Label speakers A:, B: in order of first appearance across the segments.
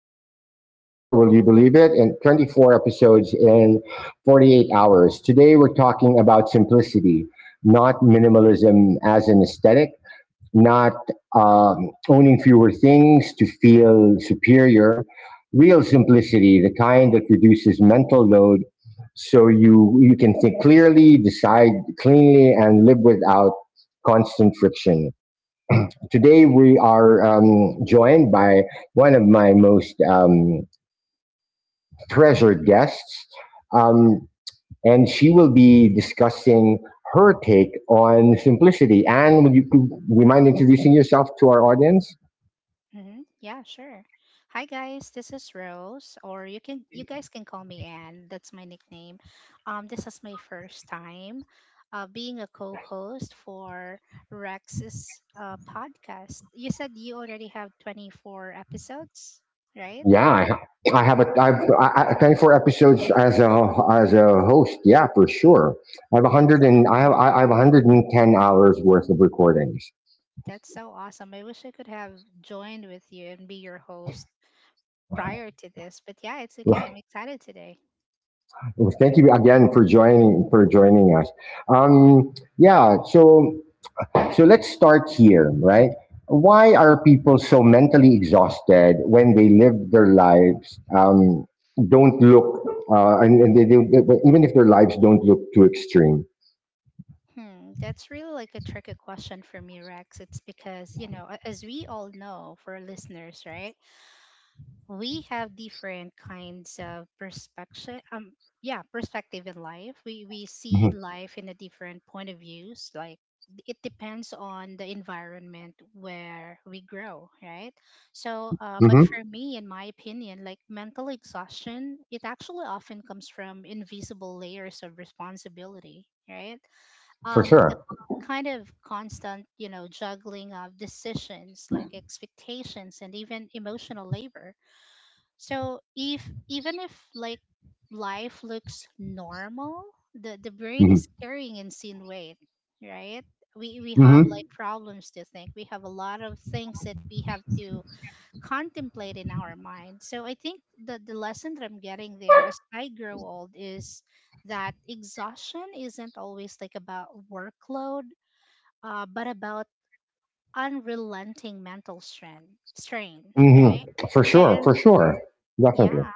A: episode 24, will you believe it? And 24 episodes in 48 hours. Today we're talking about simplicity, not minimalism as an aesthetic, not owning fewer things to feel superior. Real simplicity, the kind that reduces mental load so you can think clearly, decide cleanly, and live without constant friction. Today we are joined by one of my most treasured guests, um, and she will be discussing her take on simplicity. Anne, would you mind introducing yourself to our audience?
B: Mm-hmm. Yeah, sure. Hi guys, this is Rose, or you guys can call me Anne. That's my nickname. This is my first time being a co-host for Rex's podcast. You said you already have 24 episodes, right?
A: Yeah, I, ha- I have a
B: Wow,
A: I've I, 24 episodes as a host. Yeah, for sure. I have
B: that's
A: 100, and I have I
B: so
A: I have 110 hours worth of recordings.
B: that's so awesome. I wish I could have joined with you and be your host prior to this, but yeah, it's okay. I'm excited today.
A: Well, thank you again for joining us. Yeah, so let's start here, right? Why are people so mentally exhausted when they live their lives don't look and they don't, even if their lives don't look too extreme?
B: Hmm, that's really like a tricky question for me, Rex. It's because, you know, as we all know, for our listeners, right? We have different kinds of perspective. Yeah, perspective in life. We see
A: Hmm.
B: life in a different point of views. Like it depends on the environment where we grow, right? So, but
A: Hmm.
B: for me, in my opinion, like mental exhaustion, it actually often comes from invisible layers of responsibility, right?
A: For
B: The
A: sure.
B: kind of constant, you know, juggling of decisions like expectations and even emotional labor. So if even if like life looks normal, the brain is
A: Hmm.
B: carrying insane weight, right? We have like
A: Hmm.
B: problems to think. We have a lot of things that we have to contemplate in our mind. So I think that the lesson that I'm getting there as I grow old is that exhaustion isn't always like about workload, but about unrelenting mental strain strain,
A: Hmm.
B: right?
A: For sure.
B: And
A: For sure. Definitely.
B: yeah,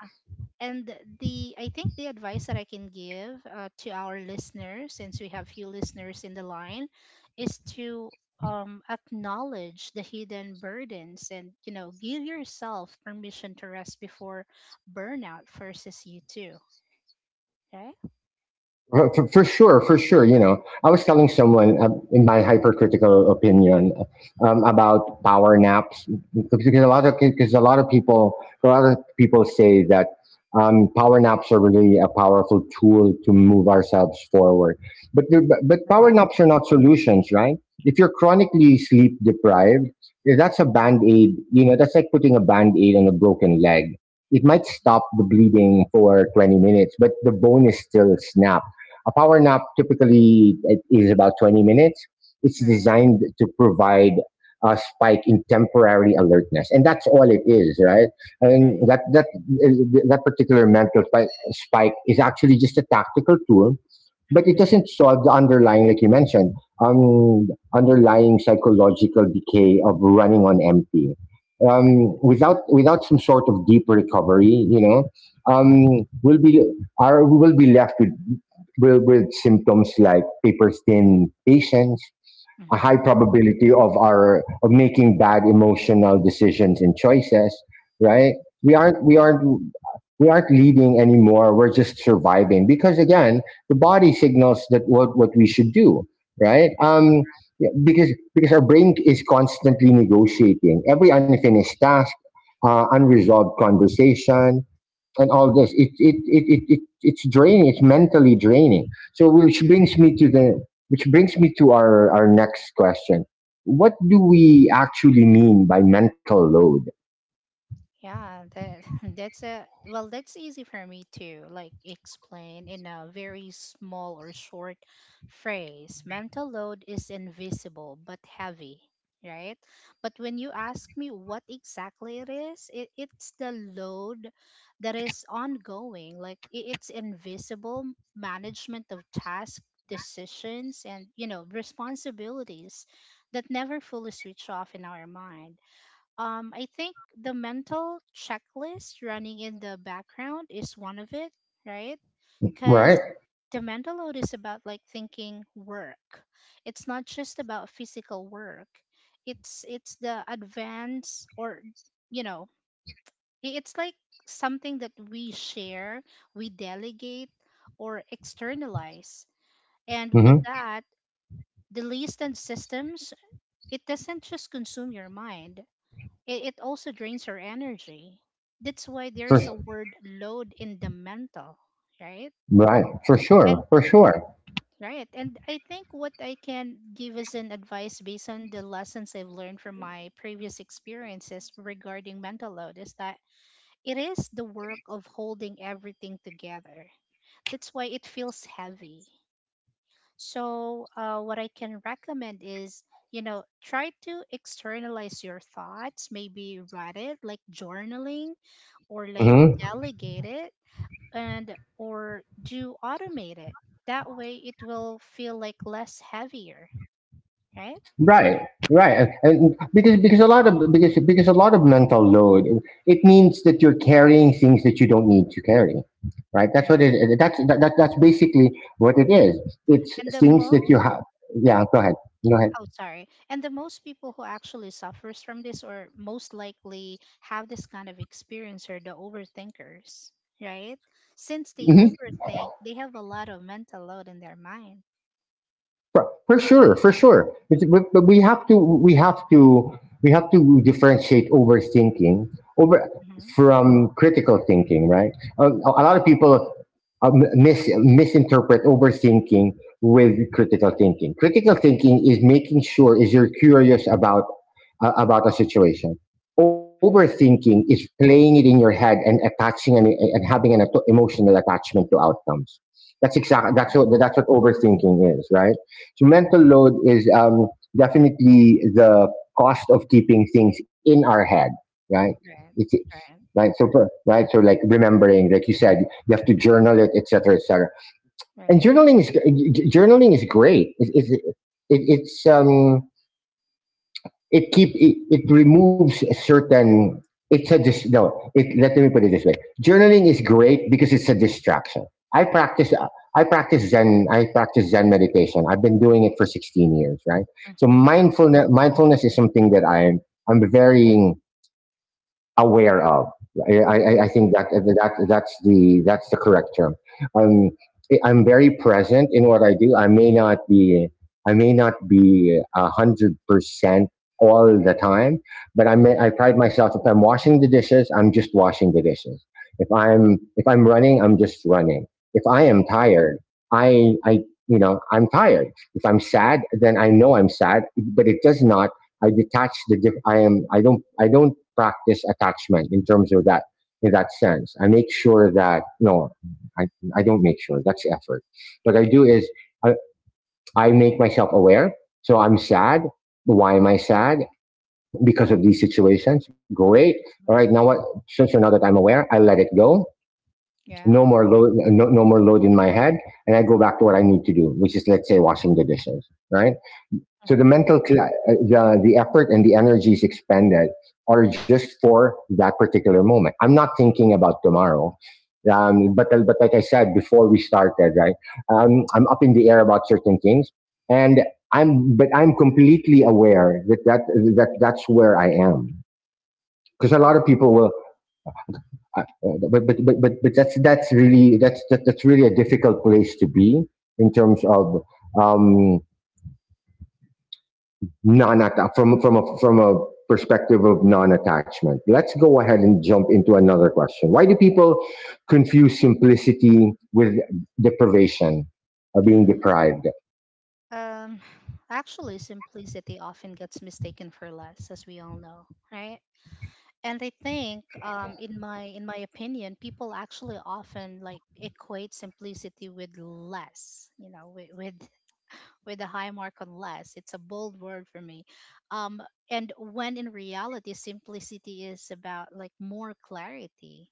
B: and the I think the advice that I can give, to our listeners since we have few listeners in the line, is to, acknowledge the hidden burdens and, you know, give yourself permission to rest before burnout forces you to. Okay.
A: For sure, for sure. You know, I was telling someone in my hypercritical opinion about power naps, because a lot of people say that power naps are really a powerful tool to move ourselves forward. But the- but power
B: Right.
A: naps are not solutions, right? If you're chronically sleep deprived, that's a
B: Mhm.
A: band aid. You know, that's like putting a band aid on a broken leg. It might stop the bleeding for 20 minutes, but the bone is still snapped. A power nap typically it is about 20 minutes. It's
B: Right.
A: designed to provide a spike in temporary alertness, and that's all it is, right? And
B: Right.
A: that that that particular mental spike is actually just a tactical tool, but it
B: Mm-hmm.
A: doesn't solve the underlying, like you mentioned, um, underlying psychological decay of running on empty. Without some sort of deep recovery, um,
B: Mm-hmm.
A: we'll be we will be left with symptoms like paper thin patience, a high
B: Mm-hmm.
A: probability of our of making bad emotional decisions and choices. Right? We aren't we
B: Yeah.
A: aren't we aren't leading anymore. We're just surviving because, again, the body signals that what we should do, right? Yeah, because our brain is constantly negotiating every unfinished task, unresolved conversation, and all this.
B: Mm-hmm.
A: It's draining. It's mentally draining. So which brings me to our next question. What do we actually mean by mental load?
B: Yeah, that that's a, well, that's easy for me to like explain in a very small or short phrase. Mental load is invisible but heavy, right? But when you ask me what exactly it is, it's the load that is ongoing. Like it's invisible management of tasks, decisions, and, you know, responsibilities that never fully switch off in our mind. I think the mental checklist running in the background is one of it, right? Because
A: Right.
B: the mental load is about like thinking work. It's not just about physical work. It's the advance or, you know, it's like something that we share, we delegate or externalize. And with
A: Mm-hmm.
B: that, the list and systems, it doesn't just consume your mind. It also drains your energy. That's why
A: For
B: there's a word load in the mental, right?
A: Right, for
B: And
A: sure, for sure.
B: right. And I think what I can give as an advice based on the lessons I've learned from my previous experiences regarding mental load is that it is the work of holding everything together. That's why it feels heavy. So what I can recommend is, you know, try to externalize your thoughts, maybe write it like journaling, or like
A: Hmm.
B: delegate it and or do automate it. That way it will feel like less heavier, right?
A: Right, right, and because a lot of mental load, it means that you're carrying things that you don't need to carry, right? That's what it.
B: Yeah.
A: That's basically what it is. It's
B: and the
A: things
B: mo
A: that you have. Yeah, go ahead, go
B: Oh, sorry, and the most people who actually suffers from this or most likely have this kind of experience are the overthinkers, right? Since they
A: ahead.
B: overthink, they have a lot of mental load in their mind.
A: For- sure, for sure. But we have to we have to we have to differentiate overthinking over
B: Mm-hmm.
A: from critical thinking, right? A lot of people misinterpret overthinking with critical thinking. Critical thinking is making sure is you're curious about a situation.
B: Mm-hmm.
A: Overthinking is playing it in your head and having an emotional attachment to outcomes. That's exactly that's
B: Mm-hmm.
A: what that's what overthinking is, right? So mental load is definitely the cost of keeping things in our head, right?
B: Right.
A: It's,
B: Right.
A: right. Right. So like remembering, like you said, you have to journal it, etc., etc. And
B: Right.
A: journaling is great. It's it keep it removes a certain no it, let me put it this way. Journaling is great because it's a distraction. I practice i practice zen i practice zen meditation. I've been doing it for 16 years, right? So
B: Mm-hmm.
A: mindfulness is something that I'm very aware of. I
B: Mm-hmm.
A: think that's the correct term. Um, I'm very present in what I do. I may not be 100% all the time, but I
B: Mm-hmm.
A: pride myself, if I'm washing the dishes, I'm just washing the dishes. If I'm running, I'm just running. If I am tired, I you know I'm tired. If I'm sad, then I know I'm sad, but it does not. I detach the diff-. I am. I don't practice attachment in terms of that, in that sense. I make sure that no, I I don't make sure that's effort. What I do is I, I make myself aware. So I'm sad. Why am I sad? Because of these situations. Great. All right. Now what? So now that I'm aware, I let it go.
B: Yeah.
A: No more load. No, no more load in my head, and I go back to what I need to do, which is, let's say, washing the dishes. Right, so the
B: Mm-hmm.
A: mental, cla uh, the, the effort and the energies expended are just for that particular moment. I'm not thinking about tomorrow. But like I said before we started, right? I'm up in the air about certain things, and but I'm completely aware that that's where I am. Because a lot of
B: Cool.
A: people will, but that's really a difficult place to be in terms of, um, non from a perspective of non-attachment. Let's go ahead and jump into another question. Why do people confuse simplicity with deprivation, or being deprived?
B: Um, Actually, simplicity often gets mistaken for less, as we all know, right? And I think, in my opinion, people actually often like equate simplicity with less, you know, with with a high mark on less. It's a bold word for me. Um, and when in reality, simplicity is about like more clarity.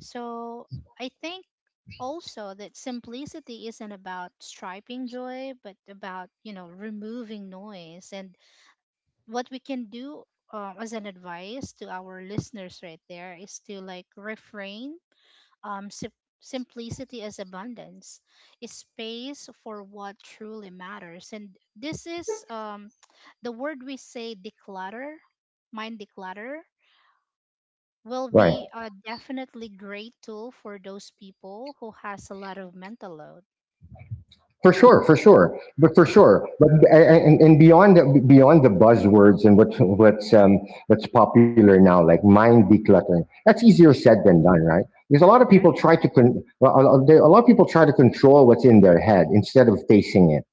B: So I think also that simplicity isn't about striping joy, but about, you know, removing noise. And what we can do, as an advice to our listeners right there, is to like refrain, um, sim- simplicity is abundance, is space for what truly matters. And this is, the word we say declutter, mind declutter, will
A: Right.
B: be a definitely great tool for those people who has a lot of mental load,
A: For sure, for sure, but for
B: right?
A: sure, but and beyond the buzzwords and what's popular now, like mind decluttering. That's easier
B: Hmm.
A: said than done, right? Because a lot of people
B: Right.
A: try to control what's in their head instead of facing it.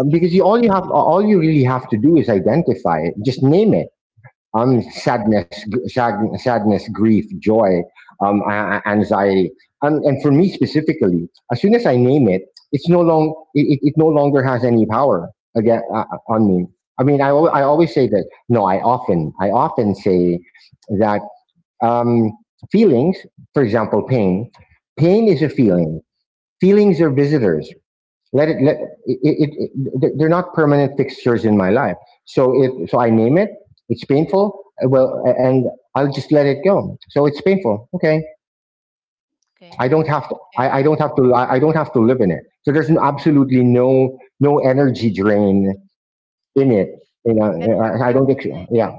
B: Yeah.
A: Because you all you have all you really have to do is identify it, just name it.
B: Right.
A: Sadness, sad, sadness, grief, joy, um anxiety. And for me specifically, as soon as I name it, it's no long it no longer has any power again, on me. I mean, I always say that, no, I often say that, um feelings, for example pain, is a
B: Hmm.
A: feeling. Feelings are visitors. Let it, it, it- They're not permanent fixtures in my life, so it I name it. It's painful, well, and I'll just let it go. So it's painful, okay,
B: Okay.
A: i don't have to i,
B: Yeah.
A: I don't have to I don't have to live in it, so there's absolutely no energy drain in
B: right
A: it you know
B: and what's
A: I, don't think
B: actually
A: Yeah.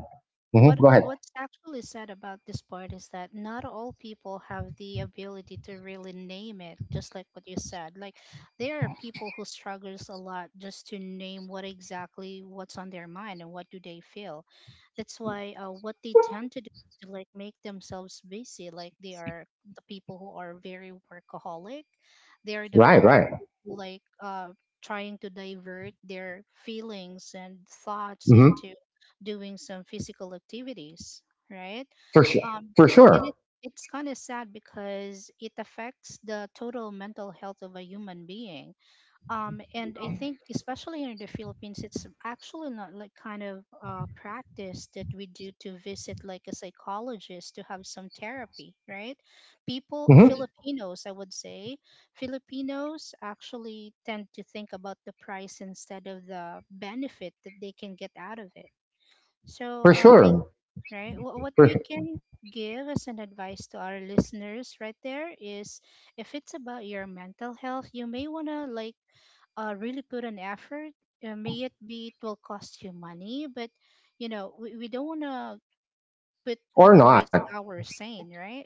A: Hmm,
B: What
A: go ahead.
B: what's actually sad about this part is that not all people have the ability to really name it, just like what you said. Like there are people who struggles a lot just to name what exactly what's on their mind and what do they feel. That's why what they tend to do is to like make themselves busy. Like they are the people who are very workaholic. They are the
A: Right.
B: people
A: Right.
B: who like, trying to divert their feelings and thoughts
A: Hmm.
B: into doing some physical activities, right?
A: For sure.
B: Um,
A: For
B: and
A: sure.
B: it's kind of sad because it affects the total mental health of a human being. And I think, especially in the Philippines, it's actually not like kind of practice that we do to visit like a psychologist to have some therapy, right? People,
A: Hmm.
B: Filipinos, I would say, Filipinos actually tend to think about the price instead of the benefit that they can get out of it. So,
A: For sure.
B: right, what
A: for,
B: we
A: sure.
B: can give as an advice to our listeners right there is, if it's about your mental health, you may want to like, really put an effort. May it be it will cost you money, but, you know, we don't want to put at
A: Or
B: risk
A: not.
B: our sane, right?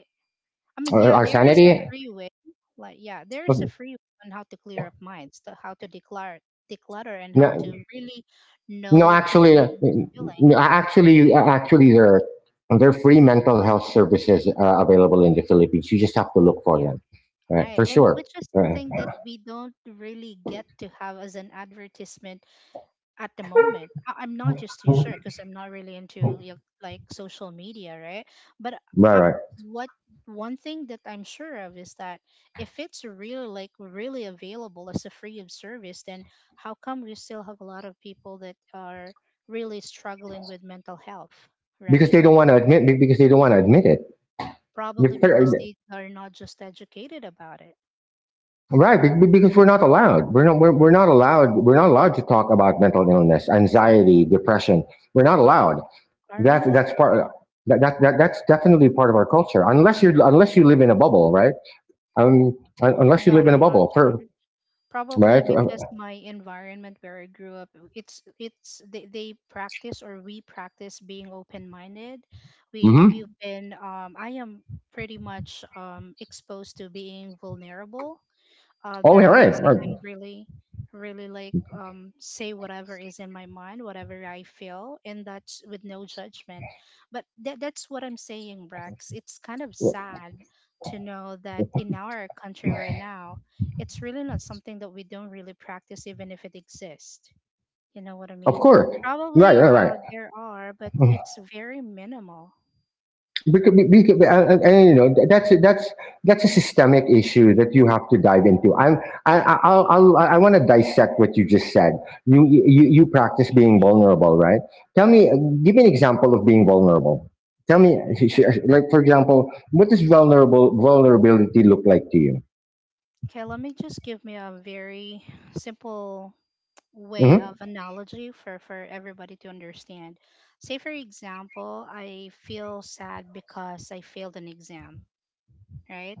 B: I mean, yeah,
A: Our
B: there is a
A: sanity,
B: free way. Like, yeah, there is a
A: okay,
B: free way on how to clear up minds, to how to declare, declutter, and how
A: no.
B: to really
A: No,
B: know to
A: actually,
B: name the feeling.
A: no, actually, there are free mental health services available in the Philippines. You just have to look for
B: Yeah.
A: them, right?
B: Right.
A: For
B: And
A: sure,
B: which is
A: right?
B: something that we don't really get to have as an advertisement at the moment. I'm not just too sure because I'm not really into like social media, right? But
A: Right,
B: I,
A: right.
B: what one thing that I'm sure of is that if it's really like really available as a free of service, then how come we still have a lot of people that are really struggling with mental health,
A: Because
B: right?
A: they don't want to admit. Be- Because they don't want to admit it.
B: Probably
A: Be- fair-
B: because they are not just educated about it.
A: Right, because we're not allowed. We're not. We're not allowed. We're not allowed to talk about mental illness, anxiety, depression. We're not allowed.
B: Are we
A: That's
B: not?
A: that's part. That's definitely part of our culture. Unless you live in a bubble, right? Unless you
B: God,
A: live in a
B: I'm not
A: bubble. For
B: sure. Probably
A: Right?
B: because my environment where I grew up, they practice or we practice being open minded. We
A: Mm-hmm.
B: we've been, I am pretty much exposed to being vulnerable,
A: Oh, yeah,
B: that means
A: right.
B: I
A: Right.
B: can really, really like, say whatever is in my mind, whatever I feel, and that's with no judgment. But that that's what I'm saying, Rex. It's kind of
A: Of
B: sad to know that in our country right now, it's really not something that we don't really practice, even if it exists. You know what I mean?
A: course. Right,
B: Probably
A: right, right.
B: there are, but it's very minimal.
A: Because, and that's a systemic issue that you have to dive into. I'm I I'll, I want to dissect what you just said. You practice being vulnerable, right? Tell me, give me an example of being vulnerable. Tell me, like for example, what does vulnerable vulnerability look like to you?
B: Okay, let me just give me a very simple way
A: Mm-hmm,
B: of analogy for everybody to understand. Say, for example, I feel sad because I failed an exam, right?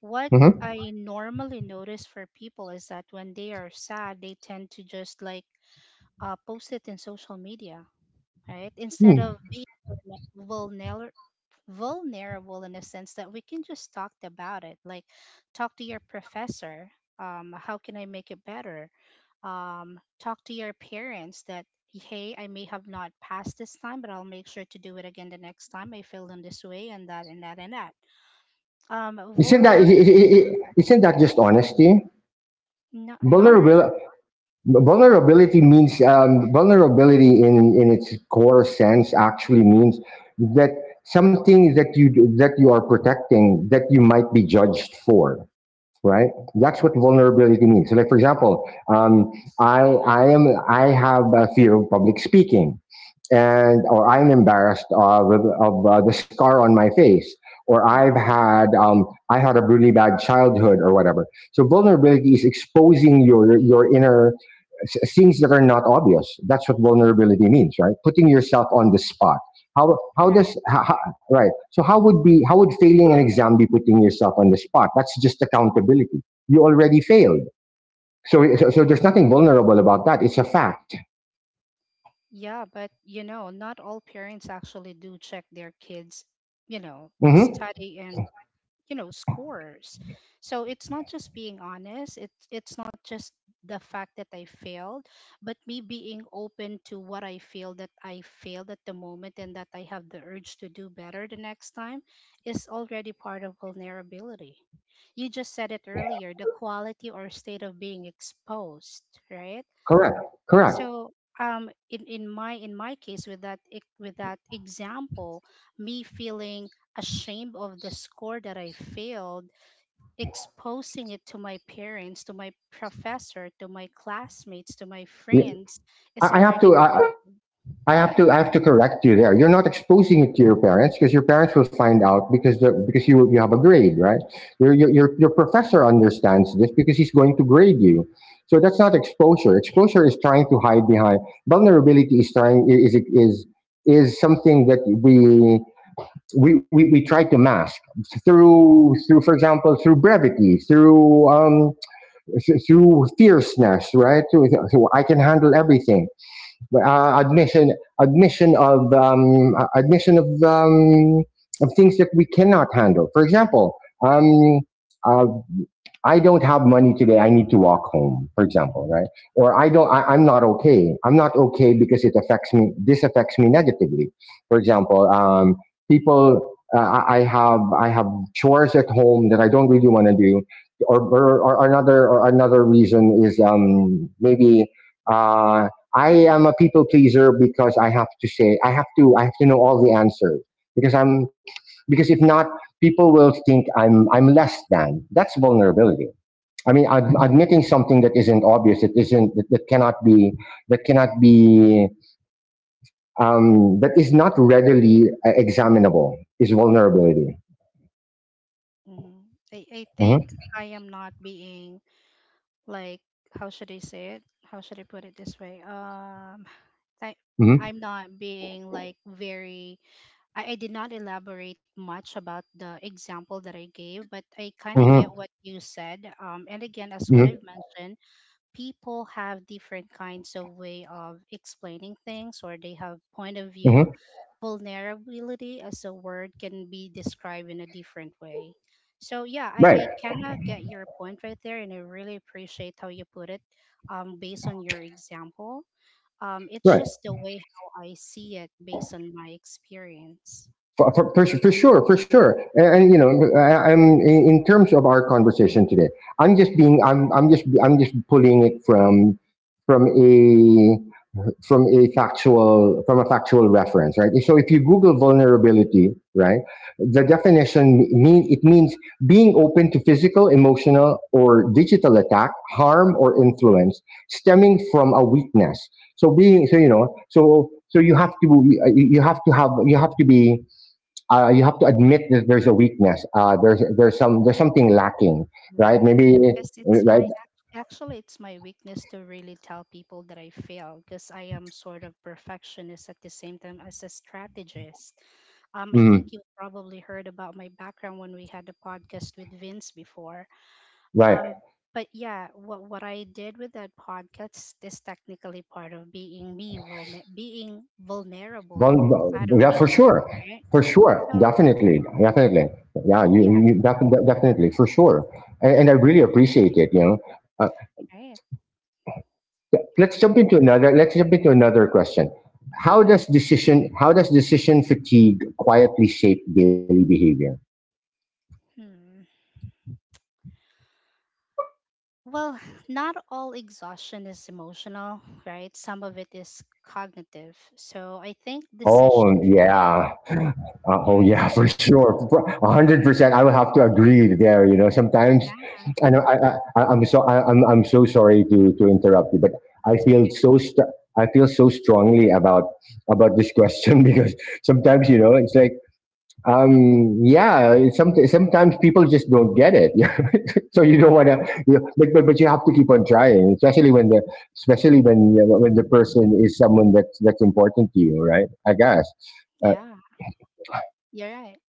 B: What
A: mm-hmm.
B: I normally notice for people is that when they are sad, they tend to just like, post it in social media, right? Instead
A: Hmm.
B: of being vulner- vulner- vulnerable, in a sense that we can just talk about it like, talk to your professor, how can I make it better, talk to your parents that, hey, I may have not passed this time but I'll make sure to do it again the next time I failed in this way and that and that.
A: Isn't that
B: Vulnerable
A: I- isn't that just honesty?
B: No, not really.
A: Vulnerable Vulnerability means, vulnerability in its core sense actually means that something that you are protecting, that you might be judged for, right? That's what vulnerability means. So like for example, i i am I have a fear of public speaking, and or I'm embarrassed of the scar on my face, or
B: Hmm.
A: I had a really bad childhood or whatever. So vulnerability is exposing your inner things that are not obvious. That's what vulnerability means, right? Putting yourself on the spot. How
B: Right.
A: does how- Right? So how would failing an exam be putting yourself on the spot? That's just accountability. You already failed. So there's nothing vulnerable about that. It's a fact.
B: Yeah, but you know not all parents actually do check their kids, you know,
A: Hmm.
B: study and, you know, scores. So it's not just being honest, it's not just the fact that I failed, but me being open to what I feel, that I failed at the moment and that I have the urge to do better the next time, is already part of vulnerability. You just said it earlier, the quality or state of being exposed, right?
A: Correct. Correct.
B: So, in my case with that with that example, me feeling ashamed of the score that I failed, exposing it to my parents, to my professor, to my classmates, to my friends
A: I
B: is
A: I have
B: already
A: to, I,
B: being.
A: I have
B: Hmm.
A: to, I have to correct you there. You're not exposing it to your parents because your parents will find out because you have a grade, right? Your professor understands this because he's going to grade you. So that's not exposure. Exposure is trying to hide behind vulnerability. Is trying is is something that we try to mask through, for example, through brevity, through through fierceness, right? Through I can handle everything. Uh, admission admission of things that we cannot handle. For example, um, uh, I don't have money today. I need to walk home, for example, right? Or I'm not okay. I'm not okay because it affects me, this affects me negatively. For example, people, I have chores at home that I don't really want to do. Or another reason is, uh, I am a people pleaser because I have to know all the answers because I'm, because if not, people will think I'm less than. That's vulnerability. I mean, admitting something that isn't obvious, that cannot be that cannot be that is not readily examinable is vulnerability.
B: Hmm. I think
A: Mhm,
B: I am not being like, how should I say it? How should I put it this way? I
A: mhm,
B: I'm not being like very, I did not elaborate much about the example that I gave, but I kind of
A: mhm,
B: get what you said. And again, as what
A: mhm,
B: I've mentioned, people have different kinds of way of explaining things, or they have point of view.
A: mhm.
B: Vulnerability as a word can be described in a different way. So yeah,
A: Right,
B: I kind of get your point right there, and I really appreciate how you put it, based on your example. It's
A: right.
B: just the way how I see it based on my experience.
A: For sure. You know, in terms of our conversation today, I'm just being I'm just pulling it from a from a factual reference. Right? So if you google vulnerability, right, the definition means being open to physical, emotional or digital attack, harm or influence stemming from a weakness. So being so you know so so you
B: Yeah,
A: have to, you have to have you have to be, you have to admit that there's a weakness, there's something lacking, right?
B: right.
A: Maybe,
B: Because it's my
A: right.
B: ac- Actually, it's my weakness to really tell people that I fail because I am sort of perfectionist at the same time as a strategist. I think
A: mm,
B: you probably heard about my background when we had the podcast with Vince before.
A: right.
B: Um, but yeah, what I did with that podcast is technically part of being me, being vulnerable side of
A: Yeah,
B: me, right?
A: for sure,
B: So
A: definitely, definitely. Yeah,
B: yeah,
A: definitely, for sure, and I really appreciate it. You know, uh,
B: right. I,
A: Let's jump into another question.
B: Go ahead.
A: How does decision fatigue quietly shape daily behavior?
B: Hmm. Well, not all exhaustion is emotional, right? Some of it is cognitive. So I think
A: Oh,
B: decision fatigue,
A: yeah. Oh,
B: right?
A: yeah, for sure. A 100%. I will have to agree there. You know, sometimes
B: Yeah.
A: I know I, I'm so sorry to interrupt you, but
B: Oh,
A: I
B: it's
A: feel
B: okay.
A: so st- I feel so strongly about this question because sometimes, you
B: Hmm.
A: know, it's like sometimes people just don't get it so you don't want to, you know, but, but you have to keep on trying, especially when the, especially when the person is someone that's important to you, right? I guess. uh,
B: Yeah, you're right.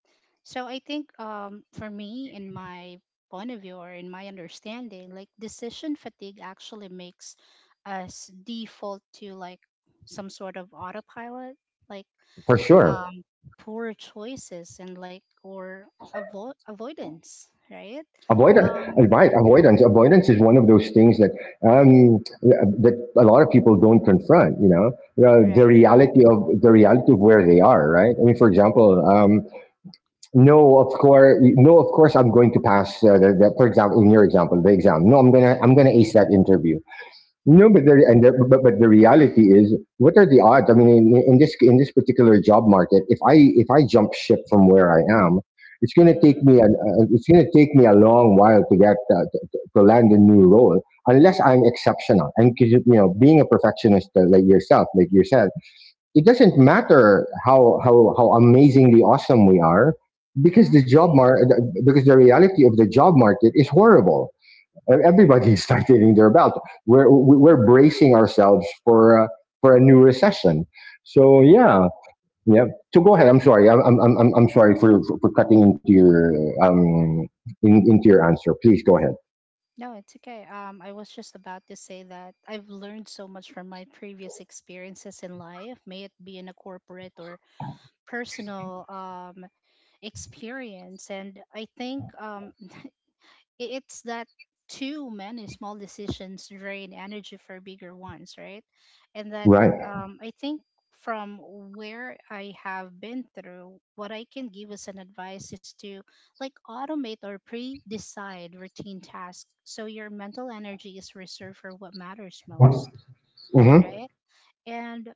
B: So I think for me, in my point of view or in my understanding, like decision fatigue actually makes us default to like some sort of autopilot. Like
A: for sure.
B: um poor choices and like or avoidance, right.
A: Avoidance,
B: um
A: right? Avoidance is one of those things that, um that a lot of people don't confront, you know,
B: right.
A: the reality of where they are, right? I mean, for example, no, of course, no, of course, I'm going to pass. For example, in your example, the exam. No, I'm gonna ace that interview. No,
B: Mm-hmm.
A: but the reality is, what are the odds? I mean, in this, in this particular job market, if I jump ship from where I am, it's gonna take
B: Hmm.
A: me it's gonna take me a long while to get, to land a new role, unless I'm exceptional. And 'cause, you know, being a perfectionist, like yourself, like you said, it doesn't matter how amazingly awesome we are, because
B: Yeah.
A: the job
B: Right.
A: mar- because the reality of the job market is horrible.
B: Correct.
A: Everybody is tightening their belt. We're bracing ourselves for a new recession, so
B: Right.
A: yeah, yeah. So go ahead, I'm sorry, I'm sorry for cutting into your, um into your answer. Please go ahead.
B: No, it's okay. I was just about to say that I've learned so much from my previous experiences in life, may it be in a corporate or personal experience. And I think it's that too many small decisions drain energy for bigger ones, right? And that
A: Right.
B: I think, from where I have been through, what I can give as an advice is to like automate or pre decide routine tasks so your mental energy is reserved for what matters most,
A: Mm-hmm.
B: right? And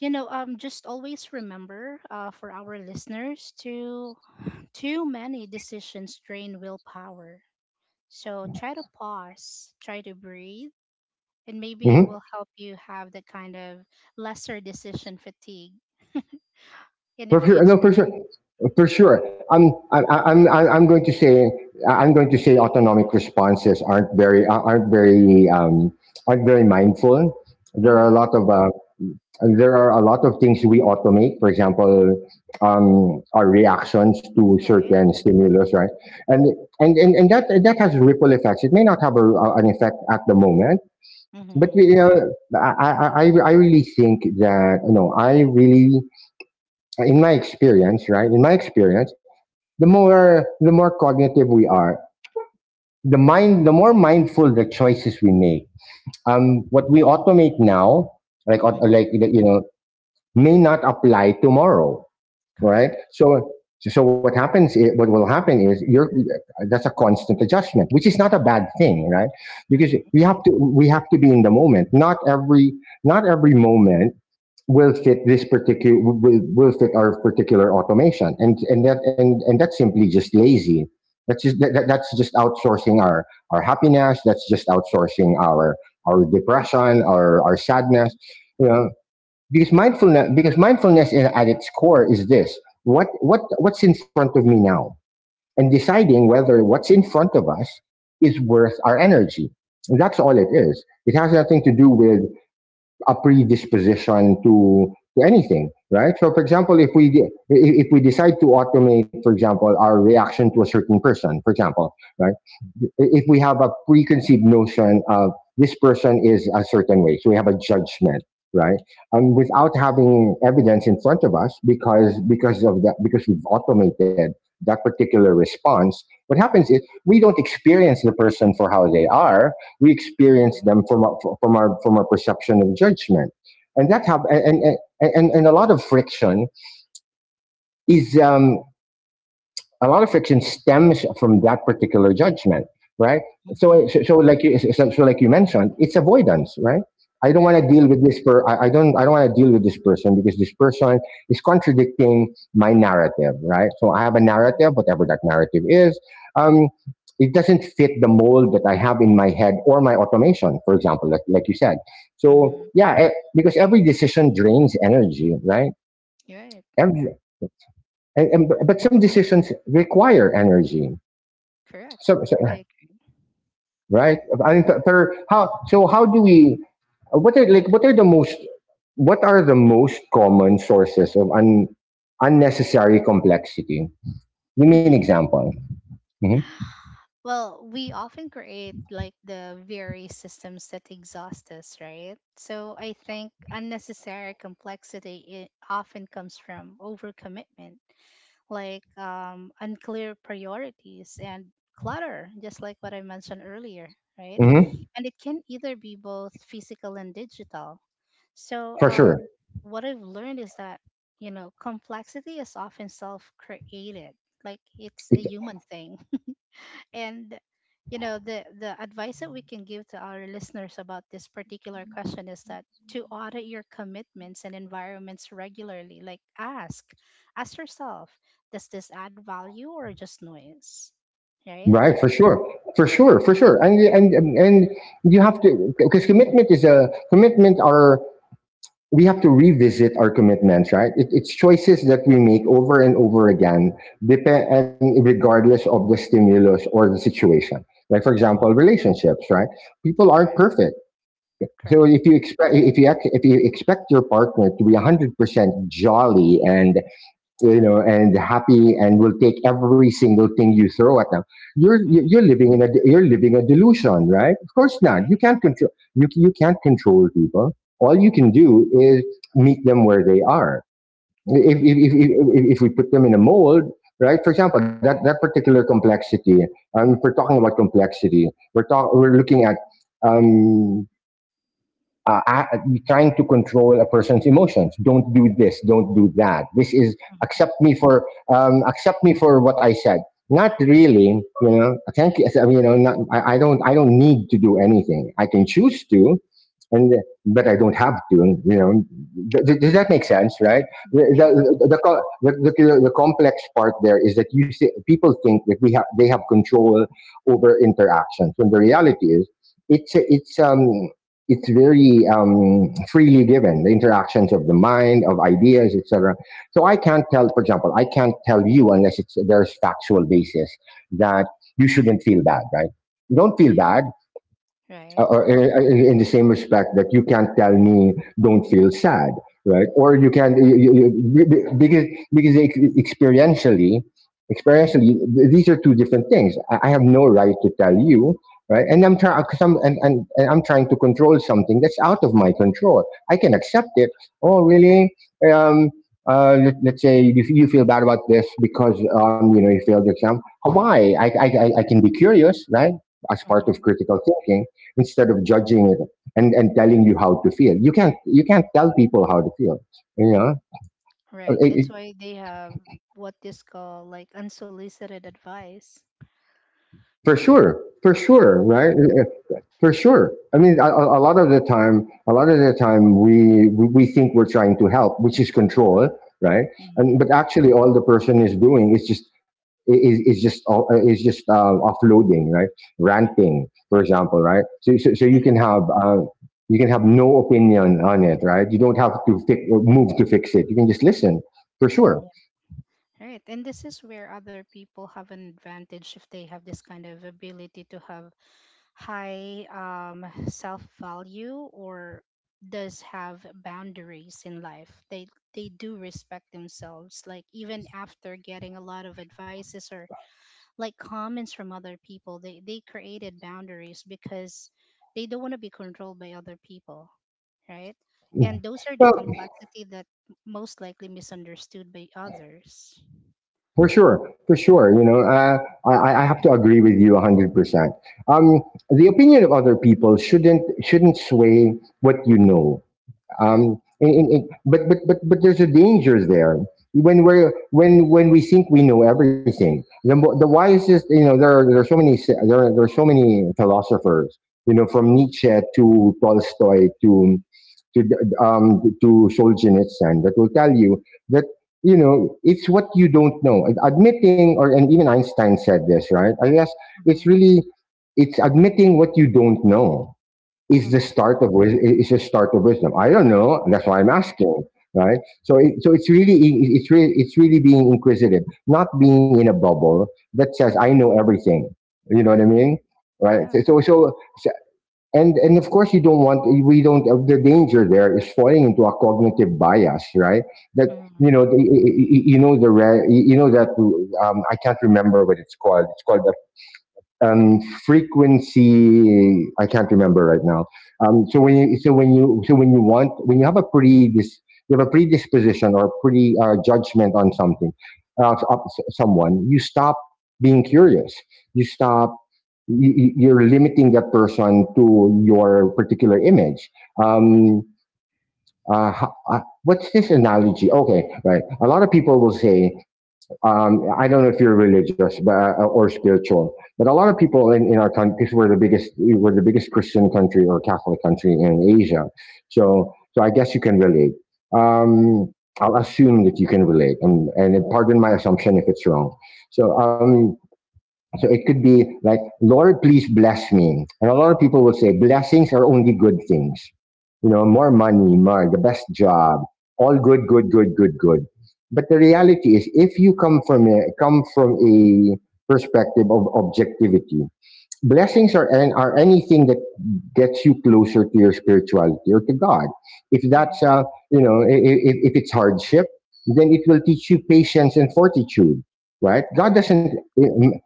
B: just always remember, for our listeners, to too many decisions drain willpower, so try to pause, try to breathe, and maybe it
A: Mm-hmm.
B: will help you have that kind of lesser decision fatigue in the
A: For sure, no,
B: future.
A: for sure, for sure. I'm going to say, I'm going to say, autonomic responses aren't very, aren't very, aren't very mindful. There are a
B: Hmm.
A: lot of, there are a lot of things we automate. For example, our reactions to
B: Right?
A: certain stimulus, right? And and that that has ripple effects. It may not have an effect at the moment, but
B: Mm-hmm.
A: we, I really think that, you know, I really, in my experience, right? In my experience, the more cognitive we are, the more mindful the choices we make. What we automate now, like,
B: Mm-hmm.
A: you know, may not apply tomorrow, right?
B: Correct.
A: So what happens? What will happen is, you're that's a constant adjustment, which is not a bad thing, right? Because
B: Mm-hmm.
A: we have to be in the moment. Not every, not every moment will fit our particular automation, and that's simply just lazy. That's just that's just outsourcing our happiness. That's just outsourcing our depression, our sadness.
B: Mm-hmm.
A: You know, because mindfulness, because mindfulness at its core is this: what what's in front of me now, and deciding whether what's in front of us is worth our energy. And that's all it is. It has nothing to do with a predisposition to anything, right? So, for
B: Right.
A: example, if we decide to automate, for example, our reaction to a certain person, for example, right? If we have a preconceived notion of this person is a certain way, so we have a judgment, right? Without having evidence in front of us, because because we've automated that particular response, what happens is we don't experience the person for how they are. We experience
B: Mm-hmm.
A: them from our, from our from our perception of judgment, and that
B: Right.
A: have and a lot of friction is a lot of friction stems from that particular judgment, right?
B: Mm-hmm.
A: So, so like you mentioned, it's avoidance, right? I don't want to
B: Right.
A: deal with this per. I don't. I don't want to deal with this person because this person is contradicting my narrative, right? So I have a
B: Mm-hmm.
A: narrative, whatever that narrative is. Um, it doesn't fit the mold that I have in my head, or my automation, for example, like you said. So
B: Mm-hmm.
A: yeah, because every decision drains energy, right?
B: Right.
A: Every, but some decisions require energy.
B: Correct.
A: So,
B: I
A: right? I mean, how so? How do we? What are like? What are the most? What are the most common sources of unnecessary complexity? Give me an
B: agree.
A: example. hmm
B: Well, we often create like the very systems that exhaust us, right? So I think unnecessary complexity it often comes from overcommitment, like unclear priorities and clutter, just like what I mentioned earlier, right?
A: hmm.
B: And it can either be both physical and digital. So
A: For sure.
B: what I've learned is that complexity is often self-created, like it's a
A: It,
B: human thing. And the advice that we can give to our listeners about this particular question is that to audit your commitments and environments regularly, like ask yourself, does this add value or just noise? Right?
A: right. For sure. For sure. For sure. And you have to, because commitment is a commitment are we have to revisit our commitments, right? It, it's choices that we make over and over again, and regardless of the stimulus or the situation. Like for example,
B: Mm-hmm.
A: relationships, right? People aren't
B: Correct.
A: perfect. So
B: Correct.
A: if you expect, if you expect your partner to be 100% jolly and, you know, and happy, and will take every single thing you throw at them,
B: Hmm.
A: you're living in a you're living a delusion, right? Of course not. You
B: Right.
A: can't control, you can't control people. All you can do is meet them where they are. If
B: Right.
A: if if, if, if if we put them in a mold, right? For example, that, that particular complexity. If we're talking about complexity, we're looking at, Um, uh, trying to control a person's emotions. Don't do this. Don't do that. This is
B: Hmm.
A: Accept me for, accept me for what I said. Not really, you know. Thank you. You know, not, I don't. I don't need to do anything. I can choose to, and but I don't have to. You know, does that make sense? Right? The
B: Yeah.
A: the the, co- the, the, the complex part there is that you see, people think that we have they have control over interactions when the reality is it's it's very freely given, the interactions of the mind, of ideas, etc. So I can't tell, for example, I can't tell you unless it's there's factual basis that you shouldn't feel bad, right? Don't feel
B: Yeah.
A: bad.
B: Right.
A: Or In the same respect that you can't tell me don't feel sad, right? Or you can because experientially, experientially these are two different things. I have no right to tell you, right? And I'm trying some and I'm trying to control something that's out of my control. I can accept it. Oh, really? um let's say you feel bad about this because you know, you failed the exam. Why? I can be curious, right? As part of
B: Hmm.
A: critical thinking, instead of judging it and telling you how to feel. You can't tell people how to feel. You know, It-
B: Right. That's
A: it-
B: why they have what is called like unsolicited advice.
A: for
B: Right.
A: sure, right? For sure. I mean, a, lot of the time, a lot of the time, we think we're trying to help, which is control, right? And
B: Mm-hmm.
A: but actually, all the person is doing is is just is just offloading, right?
B: Right.
A: Ranting, for example, right? So you
B: And
A: can have. You can have no opinion on it, right? You don't have to fix or move to fix it. You can just listen, for sure.
B: Right. And this is where other people have an advantage if they have this kind of ability to have high self value or does have boundaries in life. They do respect themselves. Like even after getting a lot of advices or like comments from other people, they created boundaries because they don't want to be controlled by other people. Right?
A: Mhm.
B: And those are the
A: Well,
B: complexity that most likely misunderstood by others.
A: for sure, for sure. You know, I have to agree with you 100%. Um, the opinion of other people shouldn't sway what you know.
B: Correct.
A: But, but there's a danger there when we're when we think we know everything, the, the wisest. You know, there are, there are, there are so many philosophers, you know, from
B: Mm-hmm.
A: Nietzsche to Tolstoy to to to Solzhenitsyn that will tell you that, you know, it's what you don't know. Admitting, or and even Einstein said this, right? I guess it's
B: Mm-hmm.
A: really, it's admitting what you don't know is the
B: Mm-hmm.
A: start of wisdom. Is the start of wisdom. I don't know. And that's why
B: Correct.
A: I'm asking, right? So, so it's really, it's really, it's really being inquisitive, not being in a bubble that says I know everything. You know what I
B: Correct.
A: mean, right?
B: Yeah.
A: And of course, you don't want. We don't. The danger there is falling into a cognitive bias, right? That you
B: Mm-hmm.
A: know, the, you know the you know that I can't remember what it's called. It's called um, frequency, I can't remember right now. So when you want, when you have a you have a predisposition or pre judgment on something, uh, someone, you stop being curious. You stop. Are limiting that person to your particular image. Um, uh, what's this analogy? Okay, right. A lot of people will say I don't know if you're religious but, or spiritual, but a lot of people in our country, because we're the biggest Christian country or Catholic country in Asia. So, so I guess you can relate.
B: Mm-hmm.
A: Um, I'll assume that you can relate and pardon my assumption if it's wrong. So, so it could be like, Lord, please bless me. And a lot of people will say, blessings are only good things. You know, more money, more, the best job, all good, good, good, good, good. But the reality is, if you come from a perspective of objectivity, blessings are anything that gets you closer to your spirituality or to God. If that's
B: Mm-hmm.
A: you know, if it's hardship, then it will teach you patience and fortitude, right? God
B: Correct.
A: doesn't eh,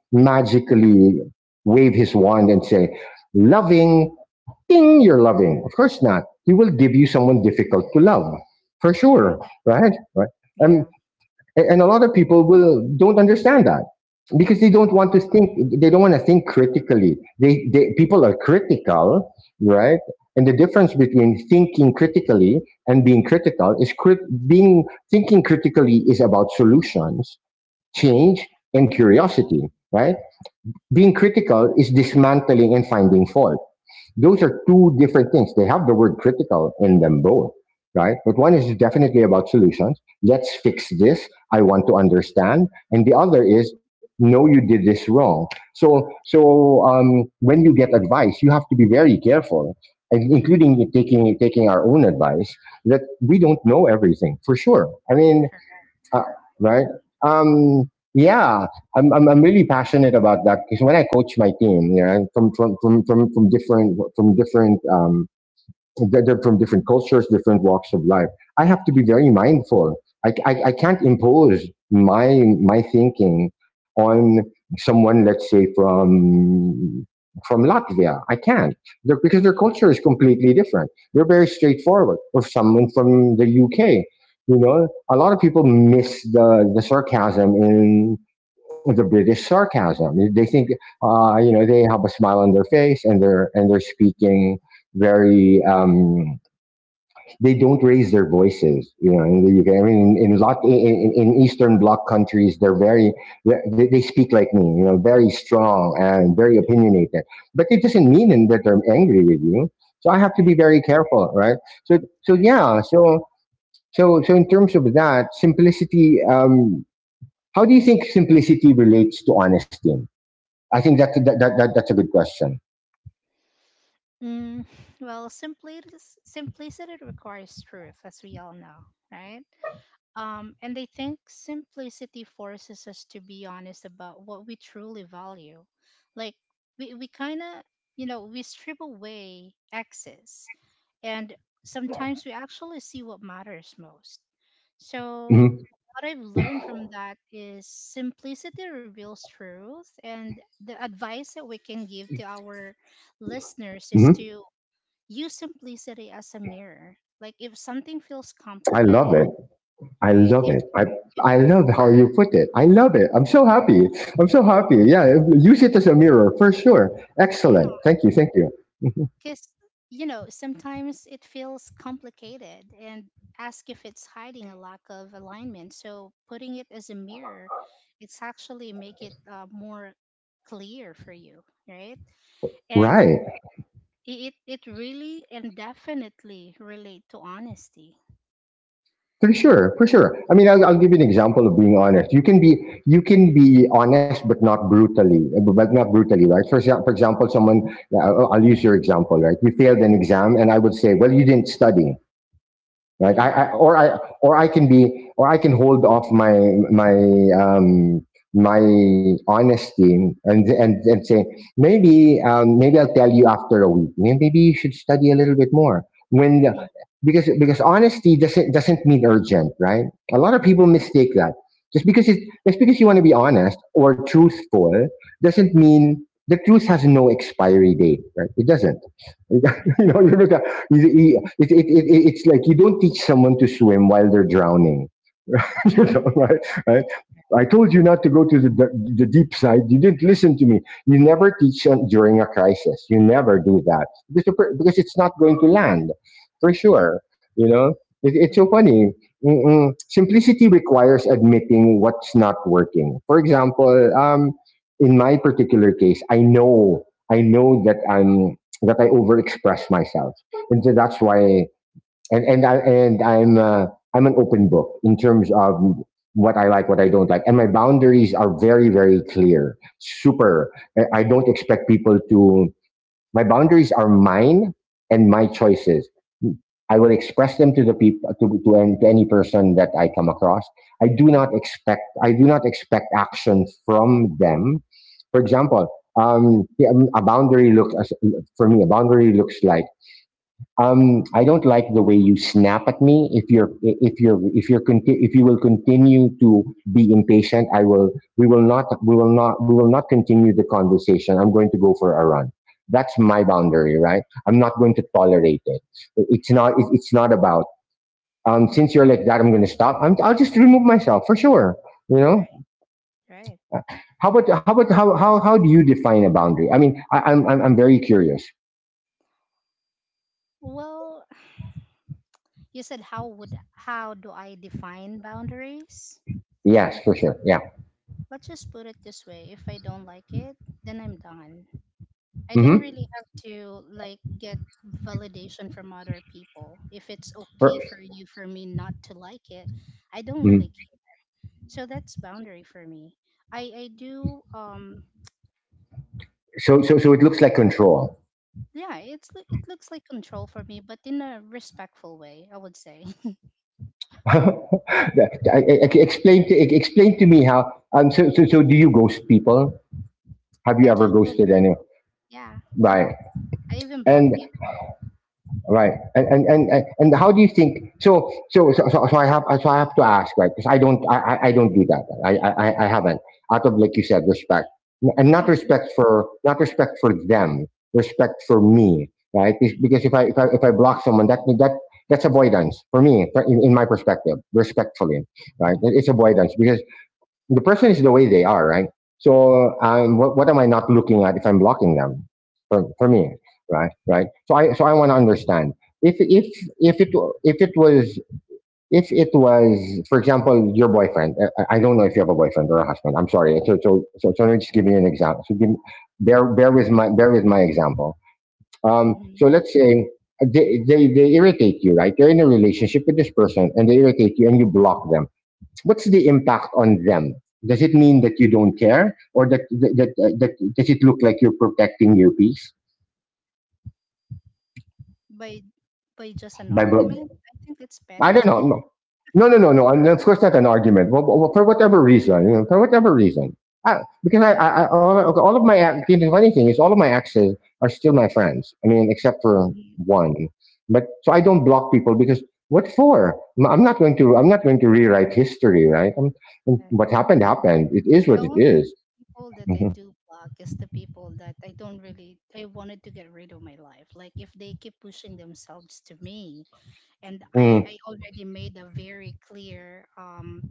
A: magically wave His wand and say, "Loving, ding, you're loving." Of course not. He will give you someone difficult to love, for
B: Right.
A: sure, right? Right.
B: Yeah.
A: Um. A- and a lot of people will don't understand that because they don't
B: Correct.
A: want to think, they don't want to think critically. They People are critical, right? And the difference between thinking critically and being critical is crit- being thinking critically is about solutions, change, and curiosity, right? Being critical is dismantling and finding fault. Those are two different things. They have the word critical in them both, right? But one is definitely about solutions. Let's fix this. I want to understand. And the other is, no, you did this wrong. So, so when you get advice, you have to be very careful, and
B: Mm-hmm.
A: including taking our own advice, that we don't know everything for sure. I mean,
B: Correct.
A: uh, right? Um, yeah, I'm really passionate about that because when I coach my team, you know, from different, they're from different cultures, different walks of life. I have to be very
B: Mm-hmm.
A: mindful. I can't impose my thinking on someone, let's say from Latvia. I can't. Because their
B: Mm-hmm.
A: culture is completely different. They're very straightforward. Or someone from the UK. You know, a lot of people miss the sarcasm in the British sarcasm. They think, you know, they have a smile on their face and they're speaking very they don't raise their voices, you know, in the UK. I mean, in lot in Eastern Bloc countries, they're very they speak like me, you know, very strong and very
B: Mm-hmm.
A: opinionated, but it doesn't mean that they're angry with you. So I have to be
B: Right.
A: very careful, right?
B: Right.
A: Yeah, so in terms of that simplicity, how do you think simplicity relates to honesty? I think that's that that's a good question.
B: Mm, well, simply simplicity requires truth, as we all know, right? And I think simplicity forces us to be honest about what we truly value. Like we kind of, we strip away excess and sometimes we actually see what matters most. So,
A: Hmm.
B: what I've learned from that is simplicity reveals truth, and the advice that we can give to our listeners
A: Hmm.
B: is to use simplicity as a mirror. Like, if something feels
A: I love
B: complicated,
A: it. I
B: right?
A: love it.
B: If
A: I love how you put it. I love it. I'm so happy. I'm so happy. Yeah, use it as a mirror, for sure.
B: Yeah,
A: Excellent. Thank you. Thank you.
B: because sometimes it feels complicated and ask if it's hiding a lack of alignment, so putting it as a mirror, it's actually make it more clear for you, right? And
A: Right.
B: it really and definitely relate to honesty.
A: For sure. For sure. I mean, I'll give you an example of being honest. You can be honest, but not brutally. But not brutally, right? For for example, someone. I'll use your example, right? You failed an exam, and I would say, "Well, you didn't study." Like
B: Mm-hmm.
A: I or I, or I can be, or I can hold off my my um my honesty, and and say, maybe, maybe I'll tell you after a week. Maybe you should study a little bit more when the,
B: Mm-hmm.
A: because honesty doesn't mean urgent, right? A lot of people mistake that. Just because it just because you want to be honest or truthful doesn't mean the truth has no expiry date, right? It doesn't. you
B: Right.
A: you look, it, it's like you don't teach someone to swim while they're drowning. You
B: Right.
A: know, right? Right?
B: Right.
A: I told you not to go to the deep side. You didn't listen to me. You never teach during a crisis. You never do that because it's not going to land for sure. You know, it's so
B: Hmm.
A: funny. Mm-mm. Simplicity requires admitting what's not working. For example, um, in my particular case, I know that I'm that I overexpress myself, and so that's why and I and I'm an open book in terms of what I like, what I don't like, and my boundaries are very very clear. Super. I- don't expect people to. My boundaries are mine and my choices. I will express them to the people to any person that I come across.
B: Hmm.
A: I do not expect action from them. For example, yeah, a for me, a boundary looks like, I don't like the way you snap at me. If if you will continue to be impatient, I will. We will not continue the conversation. I'm going to go for a run. That's my boundary, right? I'm not going to tolerate it. It's not. It's not about. Since you're like that, I'm going to stop. I'll just remove myself, for sure. You know.
B: Right. Right.
A: How about how do you define a boundary? I mean, I, I'm very curious.
B: Well, you said, how do I define boundaries?
A: Yes, for sure. Yeah.
B: Let's just put it this way: if I don't like it, then I'm done. I don't
A: Mm-hmm.
B: really have to like get validation from other people. If it's okay for you for me not to like it, I don't really care. So that's boundary for me. I do
A: So, so, so it looks like control.
B: yeah, it's it looks like control for me, but in a respectful way, I would say.
A: Explain to me how. So do you ghost people? Have
B: I
A: you ever
B: do, go
A: ghosted anyone?
B: yeah,
A: Right.
B: I even block
A: And
B: people.
A: right. And how do you think? So I have, so I have to ask, right? Because I don't, I don't do that. I haven't, out of, like you said, respect. And not
B: Hmm.
A: respect for, not respect for them, respect for me, right? It's because
B: Hmm.
A: if I if I if I block someone, that that's avoidance for me in my perspective, respectfully, right? It's avoidance because the person is the way they are, right? So what am I not looking at if I'm blocking them? For me, Right. So I want to understand if if it if it was if it was for example your boyfriend. I don't know if you have a boyfriend or a husband. I'm sorry. So let me just give you an example. Bear with my bear with my example. So
B: Hmm.
A: let's say they irritate you, right? You're in a relationship with this person and they irritate you and you block them. What's the impact on them? Does it mean that you don't care, or that does it look like you're protecting your peace
B: By by just an
A: by?
B: argument, I think it's
A: I
B: petty.
A: don't know. No, no, no, no, no. And of course, not an argument. Well, for whatever reason, you know, for whatever reason, because all of my the funny thing is all of my exes are still my friends. I mean, except for one. But so I don't block people because what for? I'm not going to. I'm not going to rewrite history, right?
B: Mhm.
A: What happened happened. It is
B: The
A: what it
B: only
A: is.
B: people that I do block is the people that I don't really, I wanted to get rid of my life. Like if they keep pushing themselves to me and I I already made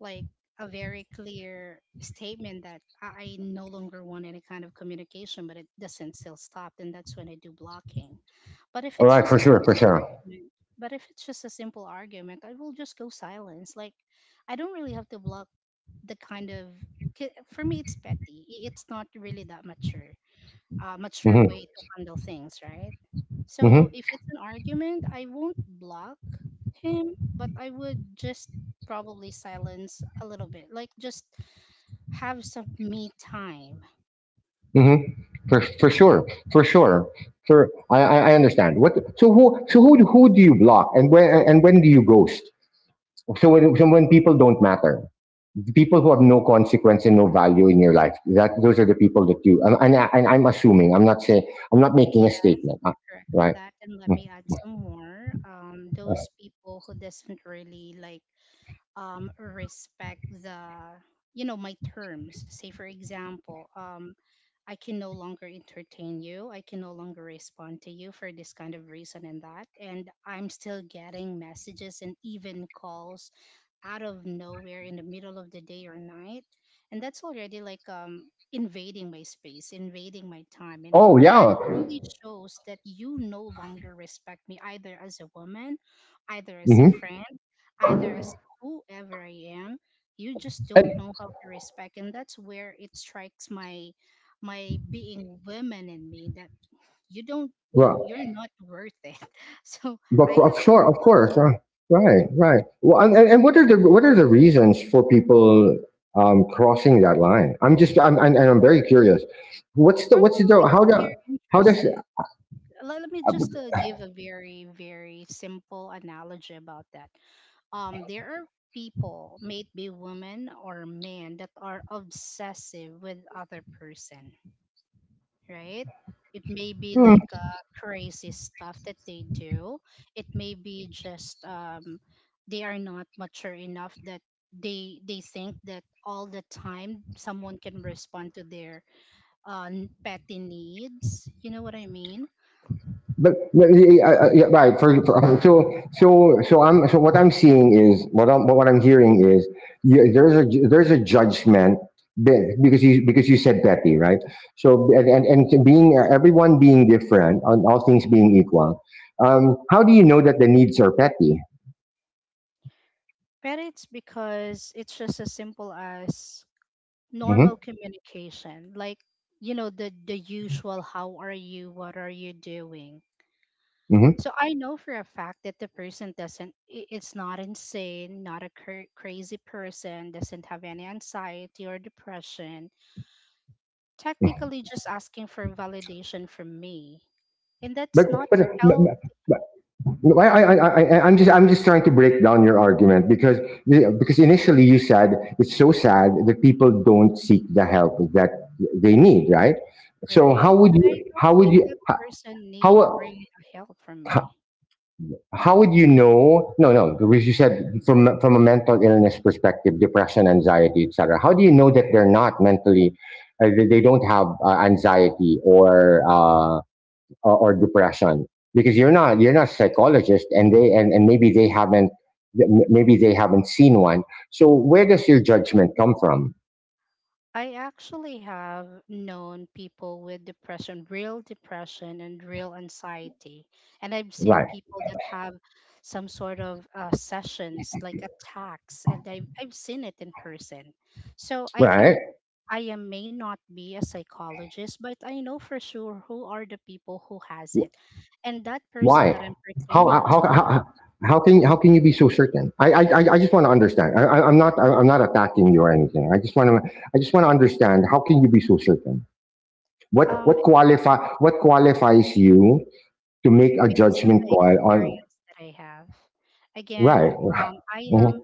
B: like a very clear statement that I no longer want any kind of communication, but it doesn't still stop, then that's when I do blocking. But if
A: All
B: it's
A: right,
B: just
A: for
B: a
A: sure, for
B: simple
A: sure.
B: argument, but if it's just a simple argument, I will just go silence. Like, I don't really have to block. The kind of ki- For me it's petty, it's not really that mature, mature
A: Hmm.
B: way to handle things, right?
A: Hmm.
B: So if it's an argument I won't block him, but I would just probably silence a little bit, like just have some me time.
A: Hmm. For sure, for sure. I understand. What So who do you block, and when, and when do you ghost? So when people don't matter, the people who have no consequence and no value in your life. That those are the people that you. And I'm assuming. I'm not saying. I'm not making a
B: Yes,
A: statement.
B: you're correct with
A: Right.
B: that, and let
A: Mm.
B: me add some more. Those people who doesn't really, like, respect the, my terms. Say for example, I can no longer entertain you. I can no longer respond to you for this kind of reason and that. And I'm still getting messages and even calls out of nowhere in the middle of the day or night. And that's already like, invading my space, invading my time. And
A: Oh
B: that
A: yeah.
B: only shows that you no longer respect me either as a woman, either as a
A: Hmm.
B: friend, either as whoever I am. You just don't know how to respect. And that's where it strikes my being women in me, that you're not worth it. So I have
A: Of
B: to.
A: sure, of course, right, right. Well, and what are the reasons for people crossing that line? I'm, and I'm very curious. What's
B: Probably
A: the, how
B: because
A: do,
B: they're
A: how does?
B: interested. Let me
A: uh,
B: just give a very very simple analogy about that. There are people, may it be women or men, that are obsessive with other person, right? It may be
A: hmm.
B: like, crazy stuff that they do. It may be just, they are not mature enough that they think that all the time someone can respond to their, uh, petty needs. You know what I mean?
A: Yeah, right. For so so so I'm so what I'm seeing is what I'm hearing is yeah, there's a there's a judgment because you said petty, right? So and being everyone being different, on all things being equal, how do you know that the needs are petty?
B: But it's because it's just as simple as normal
A: Hmm.
B: communication, like, the usual, how are you, what are you doing?
A: Hmm.
B: So I know for a fact that the person doesn't, it's not insane, not a crazy person, doesn't have any anxiety or depression, technically just asking for validation from me. And
A: But
B: that's not
A: but.
B: help,
A: but no, I'm just trying to break down your argument because initially you said it's so sad that people don't seek the help that they need, right? So
B: right? But I don't think that person need
A: how,
B: really help from
A: how,
B: me.
A: how would you know? No, no, because you said from a mental illness perspective, depression, anxiety, etc. How do you know that they're not mentally, uh, they don't have anxiety or or depression, because you're not a psychologist, and they and maybe they haven't seen one. So where does your judgment come from?
B: I actually have known people with depression, real depression and real anxiety. And I've seen
A: Right.
B: people that have some sort of, sessions like attacks, and I've seen it in person. So I can,
A: Right.
B: may not be a psychologist, but I know for sure who are the people who has it. And that person
A: Why?
B: that I'm
A: how
B: pertaining
A: how
B: to,
A: how, how can you be so certain? I just want to understand. I'm not I'm not attacking you or anything. I just want to understand. How can you be so certain? What
B: um,
A: what qualify what qualifies you to make a
B: because of
A: judgment
B: the
A: call on?
B: experience that I have. Again,
A: Right?
B: I am
A: Mm-hmm.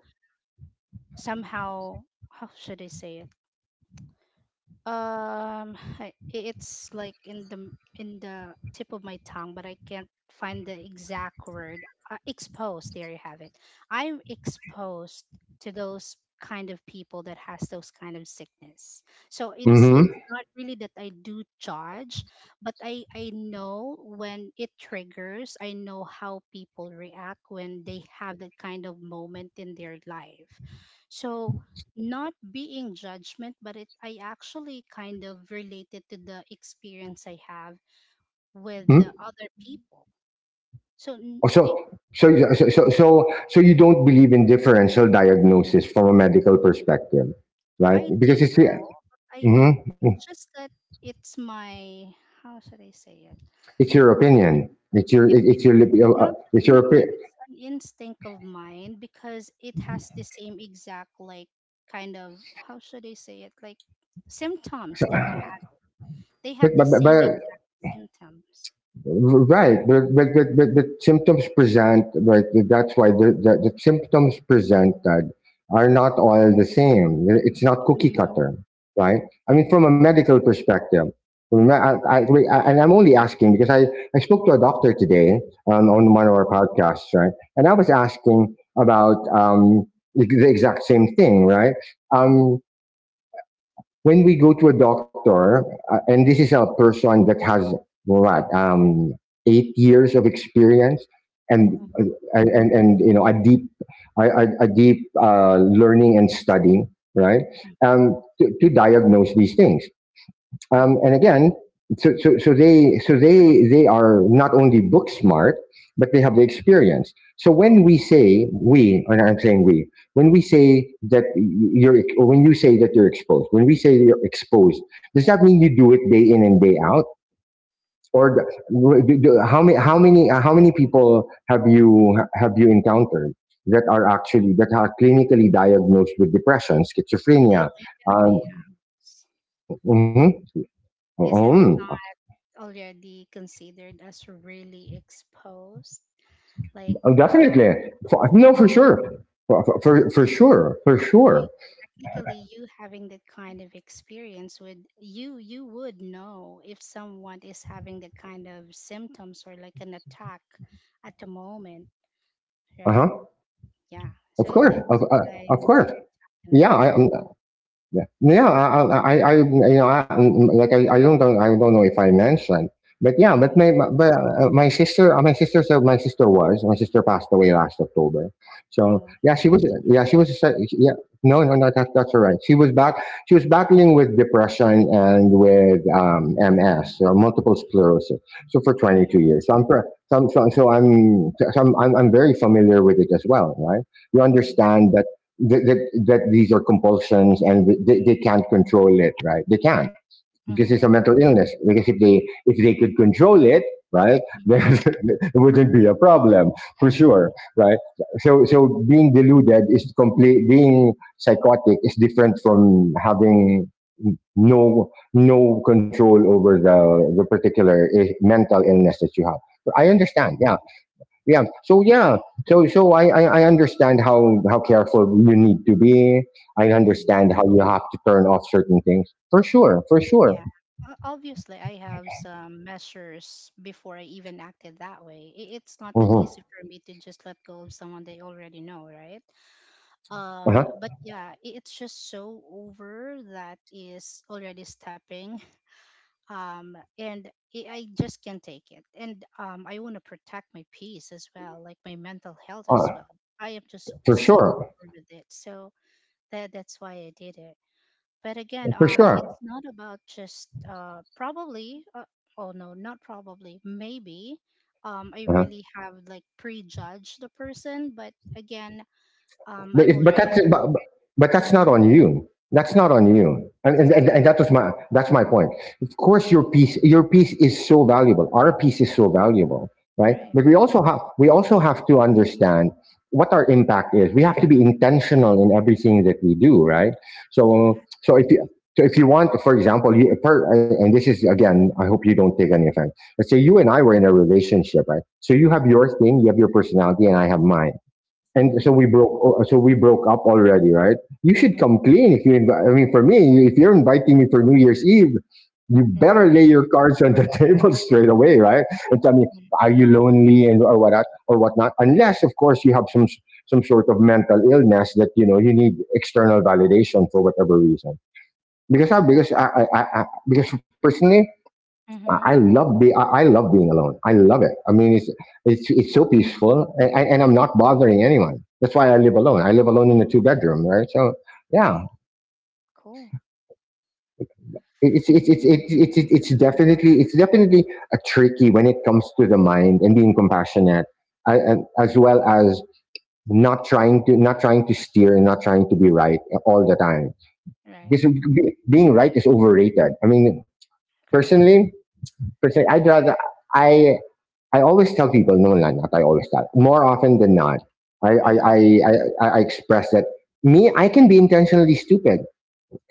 B: somehow, how should I say it? It's like in the, tip of my tongue, but I can't find the exact word. Exposed. There you have it. I'm exposed to those kind of people that has those kind of sickness. So
A: Mm-hmm.
B: it's
A: Mm-hmm.
B: not really that I do judge, but I know when it triggers. I know how people react when they have that kind of moment in their life. So not being judgment, but it I actually kind of related to the experience I have with the other people. So
A: Oh, so,
B: it,
A: so you don't believe in differential diagnosis from a medical perspective, right?
B: I do though. But I
A: Hmm.
B: it's just that it's my, how should I say it?
A: It's your opinion. It's your
B: If,
A: it, it's your li-
B: Not just
A: it's
B: an
A: your opi-
B: opinion, it's an instinct of mine because it has the same exact, like, kind of, how should I say it, like,
A: so,
B: symptoms they are having. They
A: but,
B: have the
A: but,
B: same
A: but
B: exact symptoms.
A: right, but but symptoms present, right? That's why the symptoms presented are not all the same. It's not cookie
B: Hmm.
A: cutter, right? I mean, from a medical perspective, from a- I, we- I- and I'm only asking because I spoke to a doctor today, on
B: Hmm.
A: one of our podcasts, right? And I was asking about, um, the exact same thing, right? Um,
B: Mhm,
A: when we go to a doctor, and this is a person that has what, 8 years of experience and,
B: mhm,
A: and and, you know, a deep a deep, learning and studying, right?
B: mhm,
A: To diagnose these things. And
B: mhm,
A: again, so they are not only book smart, but they have the experience. So when we
B: mhm.
A: say we, and I'm saying we, when we say that you're, or when you say that you're exposed, when we say you're exposed, does that mean you do it day in and day out? Or how many people have you encountered that are actually that are clinically diagnosed with depression,
B: They
A: schizophrenia?
B: live in my
A: Um,
B: house.
A: mhm,
B: Isn't
A: mhm.
B: not already considered as really exposed? Like,
A: Oh, definitely. For, no,
B: right.
A: for sure. For sure. For
B: So
A: sure.
B: technically, you having that kind of experience, would you you would know if someone is having that kind of symptoms or like an attack at the moment,
A: Uh
B: right?
A: huh.
B: Yeah.
A: Of
B: So
A: course.
B: that's what
A: Of
B: I'm
A: course.
B: talking
A: Yeah.
B: about.
A: I, Yeah. Yeah, I you know, I, like, I don't know if I mentioned, but yeah,
B: Hmm.
A: but, my sister so my sister was. My sister passed away last October. So,
B: Oh, sorry.
A: yeah, she was a yeah. No, no, no, that's all right. She was battling with depression and with, um, MS, so multiple sclerosis. So for 22
B: Mm-hmm,
A: years. So I'm pre- so, I'm- so, so I'm so I'm very familiar with it as well, right? You
B: mm-hmm,
A: understand that that these are compulsions, and they, can't control it, right? They can't, because it's a
B: mm-hmm.
A: mental illness. Because if they could control it, right,
B: Mm,
A: then it wouldn't be a problem, for sure, right? So, being deluded is complete. Being psychotic is different from having no control over the particular mental illness that you have. So I
B: illness.
A: understand. Yeah, yeah. So I understand how careful you need to be. I
B: Mm,
A: understand how you have to turn off certain things, for sure, for sure.
B: yeah. Obviously, I have some measures before I even acted that way. It's not that
A: Mhm.
B: easy for me to just let go of someone they already know, right?
A: Uh-huh.
B: But yeah, it's just so over, that is already stepping. And I just can't take it. And I want to protect my peace as well, like my mental health as well.
A: Uh,
B: I am just
A: for
B: so
A: sure,
B: over with it. So that's why I did it. But again,
A: for
B: it's
A: sure.
B: not about just probably. Oh no, not probably. Maybe. I
A: Uh-huh.
B: really have like prejudged the person, but again,
A: But
B: I'm
A: if,
B: already.
A: but that's not
B: Mm-hmm,
A: on you. That's not on you.
B: exactly
A: And that was my that's my point. Of course, your piece, is so valuable. Our piece is so valuable, right?
B: right.
A: But we also have to understand what our impact is. We have to be intentional in everything that we do, right? So
B: Correct.
A: so if you so if you want, for example, and this is again, I hope you don't take any offense. Let's say you and I were in a relationship, right? So you have your thing, you have your personality, and I have mine. And so
B: Mm-hmm,
A: we broke. Oh, So we broke up already, right? You should
B: mm-hmm,
A: come clean if you. I mean, for me, if you're inviting me for New Year's Eve, you better lay your cards on the table straight away, right? And tell me,
B: mm-hmm,
A: are you lonely, and or what or whatnot? Unless, of course, you have some some sort of mental illness that you know you need external validation for, whatever reason. Because because personally, I
B: mm-hmm,
A: love be I love being alone. I love it. I mean, it's so
B: hmm.
A: peaceful, and I'm not bothering anyone. That's why I live alone. I live alone in a two-bedroom, right? So yeah,
B: Right. Cool.
A: it's definitely a tricky when it comes to the mind and being compassionate, as well as not trying to steer, and not trying to be right all the time.
B: Right.
A: Because being right is overrated. I mean,
B: Correct.
A: personally, I'd rather. I I always tell people, no, not, not I always tell. More often than not, I, I, I,
B: Mm-hmm,
A: I, I express that me, I can be intentionally stupid.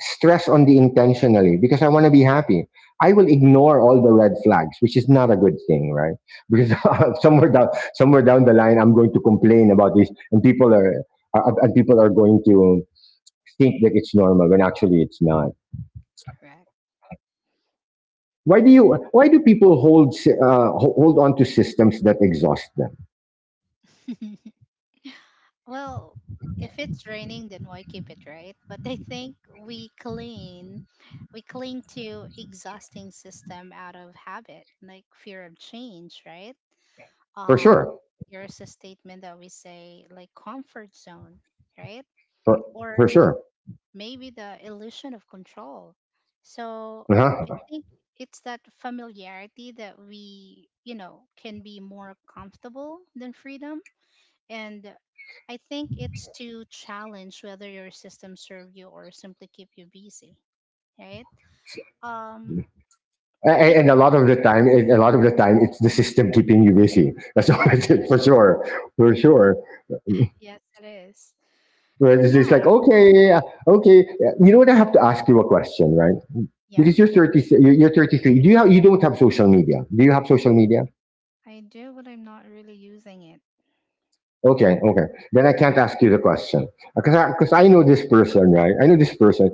A: Stress on the intentionally, because I want to be happy. I will ignore all the red flags, which is not a good thing, right? Because
B: correct.
A: somewhere down, somewhere down the line, I'm going to complain about this, and people are going to think that it's normal when actually it's not.
B: Correct.
A: Why do you? Why do people hold, hold on to systems that exhaust them?
B: Well, if it's raining, then why keep it, right? But I think we cling to exhausting system out of habit, like fear of change, right?
A: For
B: Um,
A: sure,
B: there's a statement that we say like comfort zone, right?
A: For,
B: Or
A: for sure.
B: maybe the illusion of control. So I
A: Uh-huh.
B: think it's that familiarity that we, you know, can be more comfortable than freedom and I think it's to challenge whether your system serve you or simply keep you busy, right? Um,
A: And,
B: I
A: a lot of the time, it's the system keeping you busy. That's all it is, for sure, for sure.
B: Yes, it is.
A: Whereas
B: And
A: it's just
B: yeah,
A: like, okay, okay. You know what? I have to ask you a question, right?
B: yeah,
A: Because you're 33. Do you have, you don't have social media? Do you have social media?
B: I do, but I'm not really using it.
A: Okay, okay. Then I can't ask you the question because because I know this person, right? I know this person.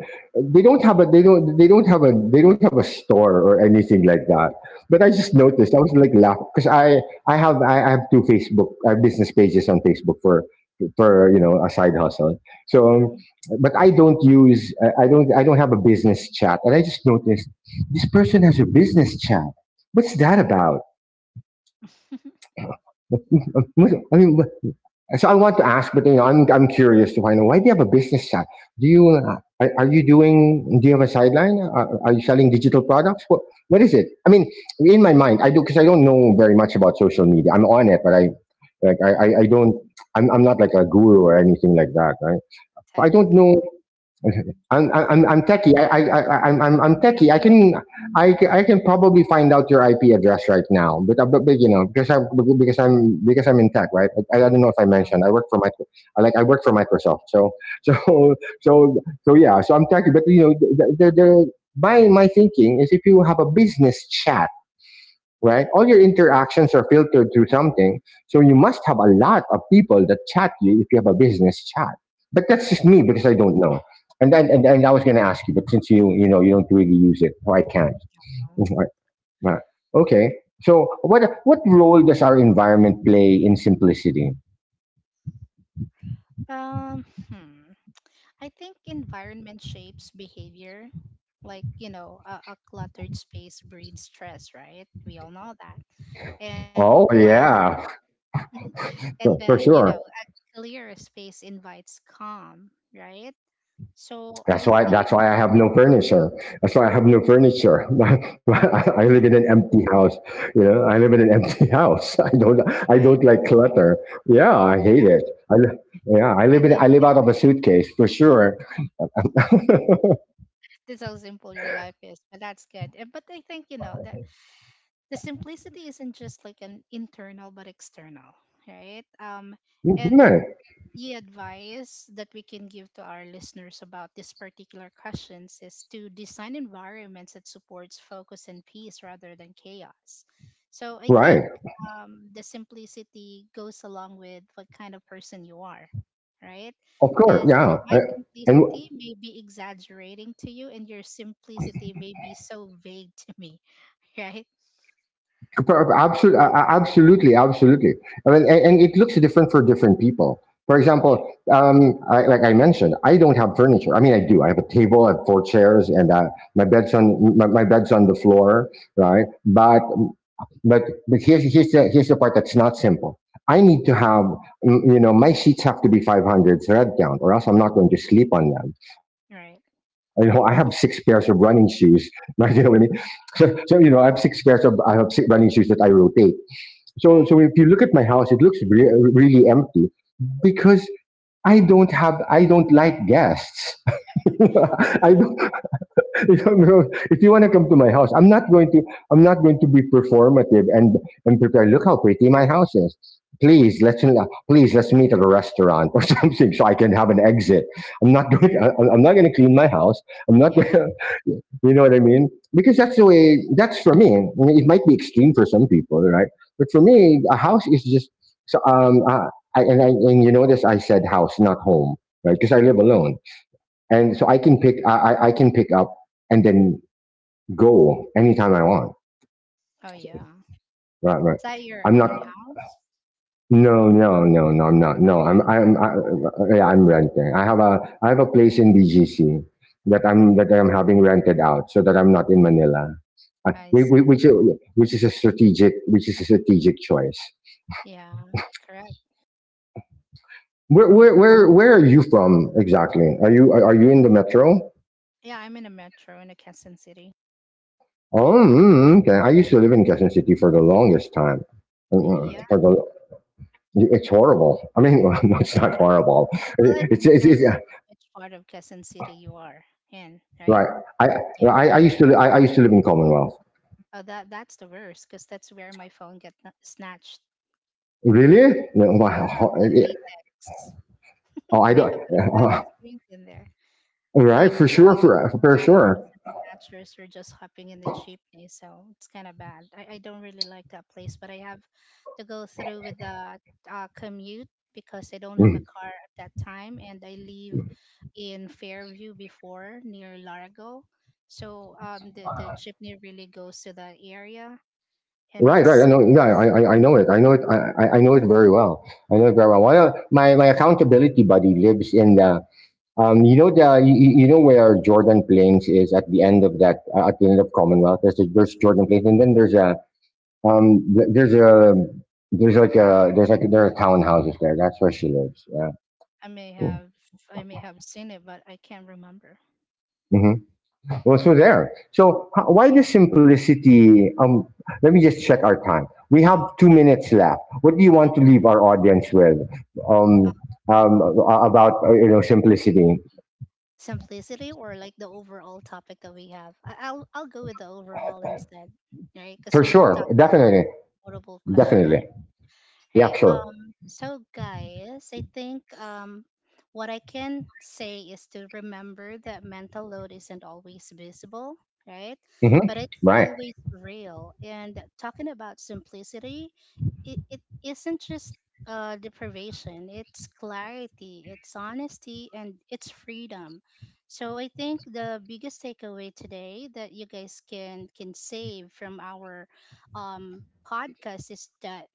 A: They don't have a they don't have a store or anything like that. But I just
B: Mhm.
A: noticed I was like laughing because I have two Facebook I have business pages on Facebook for you know a side hustle. So, um, but I don't have a business chat, and I just noticed this person has a business chat. What's that about? I mean, so I want to ask, but you know, I'm curious to find out, why do you have a business side? Do you are you doing? Do you have a sideline? Are you selling digital products? What is it? I mean, in my mind, I do because I don't know very much about social media. I'm on it, but I like I
B: Mhm.
A: I, I don't. I'm not like a guru or anything like that, right? So I
B: Tech,
A: don't know. Okay. I'm
B: yeah.
A: I'm I'm techie. I'm techie. I can probably find out your IP address right now, but you know because I'm in tech, right? I don't know if I mentioned I work for my like I work for Microsoft, so so so yeah, so I'm techie. But you know the my thinking is, if you have a business chat, right, all your interactions are filtered through something. So you must have a lot of people that chat you if you have a business chat. But that's just me because I don't know. And I was going to ask you, but since you know you don't really use it, so I can't.
B: Oh,
A: Right, right. Okay. So what role does our environment play in simplicity?
B: well. Um, hmm. I think environment shapes behavior. Like, you know, a cluttered space breeds stress, right? We all know that. And
A: Oh
B: well,
A: yeah,
B: and the
A: for
B: you know
A: sure.
B: a clear space invites calm, right? So I
A: That's why.
B: think
A: That's why I have no furniture. That's why I have no furniture. I
B: right,
A: live in an empty house. You know, I live in an empty house. I don't. I don't like clutter. Yeah, I hate
B: right.
A: it. I, li- yeah, I
B: And
A: live in.
B: it,
A: I live out of a suitcase for sure.
B: this is how simple your life is, but that's good. But I think you know that the simplicity isn't just like an internal but external, right?
A: Mhm.
B: And the advice that we can give to our listeners about this particular questions is to design environments that supports focus and peace rather than chaos. So I
A: Right.
B: think the simplicity goes along with what kind of person you are, right?
A: Of course.
B: Because
A: Yeah. I,
B: my
A: and
B: simplicity may be exaggerating to you and your simplicity may be so vague to me. Right,
A: Absolutely, absolutely, absolutely. I mean, and it looks different for different people. For
B: yeah,
A: example, like I mentioned, I don't have furniture. I mean, I do. I have a table, I have four chairs, and my bed's on the floor, right?
B: right,
A: But but here's the part that's not simple. I need to have you know, my sheets have to be 500 thread count, or else I'm not going to sleep on them. You know, I
B: right,
A: have six pairs of running shoes, right? You know what I mean? So, so you know, I have six running shoes that I rotate. So, so if you look
B: right,
A: at my house, it looks really empty because I don't like guests. I don't, you know, no, if you want to come to my house, I'm not going to be performative and prepare. Look how pretty my house is. Please let's please let's meet at a restaurant or something so I can have an exit. I'm not going. I'm not going to clean my house. I'm not.
B: yeah,
A: Going, you know what I mean? Because that's the way, that's for me. I mean, it might be extreme for some people, right? But for me, a house is just, so, um, uh, I, and you notice I said house, not home, right? Because I live alone.
B: hmm,
A: And
B: yeah,
A: so I can pick up and then go anytime I want,
B: oh yeah.
A: right? Right.
B: Is that your
A: I'm not.
B: own house?
A: No, no, no, no. I'm not. No.
B: Correct.
A: Yeah, I'm renting. I have a place in BGC that I'm having rented out, so that I'm not in Manila. Uh,
B: I
A: we- we-
B: see.
A: which is- which is a strategic choice.
B: Yeah, correct.
A: Where are you from exactly? Are you are you in the metro?
B: Yeah, I'm in a metro in a Quezon City.
A: Oh, mm, okay. I used to live in Quezon City for the longest time. Mm, mm,
B: Yeah.
A: For the, it's horrible. I mean, no, it's not horrible.
B: Well, it
A: It's
B: depends on which part of Quezon City you are in,
A: right.
B: right?
A: I
B: Yeah.
A: I I used to live in Commonwealth.
B: Oh, that that's the worst because that's where my phone get kn- snatched.
A: Really? No,
B: Yeah,
A: wow.
B: in latex.
A: Oh, I
B: I
A: don't.
B: have a bad
A: all
B: experience in there.
A: right,
B: Like
A: for sure, for
B: kidnappers
A: sure.
B: and snatchers were just hopping in the jeepney, so it's kind of bad. I don't really like that place, but I have to go through with the commute because I don't have a
A: Mm.
B: car at that time, and I live in Fairview before near Largo, so the jeepney really goes to that area, and
A: Right, right. I
B: it's
A: know. Yeah, I know it. I know it. I know it very well. I know it very well. Well, my accountability buddy lives in the you know the you, you you know where Jordan Plains is, at the end of that at the end of Commonwealth. There's a, there's Jordan Plains, and then there's a there's a there's like there are townhouses there. That's where she lives. Yeah.
B: I may have I may have seen it, but I can't remember.
A: Mhm. was so there. So why the simplicity? Let me just check our time. We have 2 minutes left. What do you want to leave our audience with? Um, um, about you know, simplicity,
B: Simplicity or like the overall topic that we have? I- I'll go with the overall instead, right? Because
A: for
B: we've
A: sure,
B: tackled
A: definitely,
B: multiple question.
A: definitely, yeah,
B: Right.
A: sure,
B: So guys, I think what I can say is to remember that mental load isn't always visible, right?
A: hmm,
B: But it's
A: right,
B: always real. And talking about simplicity, it isn't just deprivation, it's clarity, it's honesty, and it's freedom. So I think the biggest takeaway today that you guys can save from our podcast is that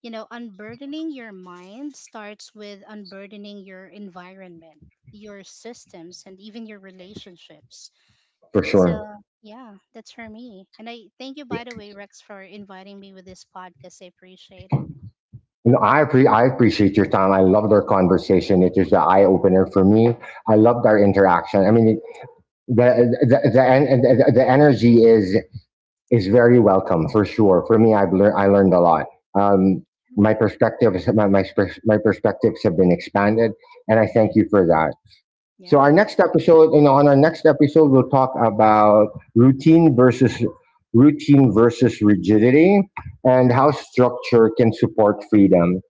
B: you know, unburdening your mind starts with unburdening your environment, your systems, and even your relationships.
A: for sure.
B: So, yeah, that's for me. And I thank you, by the way, Rex, for inviting me with this podcast. I appreciate it.
A: No, I appre- I appreciate your time. I loved our conversation. It was the eye opener for me. I loved our interaction. I mean, the the
B: Hmm,
A: the, the energy is very welcome for sure. For me, I learned a lot. Um, my my perspectives have been expanded, and I thank you
B: hmm.
A: for that. So our
B: Yeah,
A: next episode, you know, on our next episode, we'll talk about routine versus routine versus rigidity, and how structure can support freedom,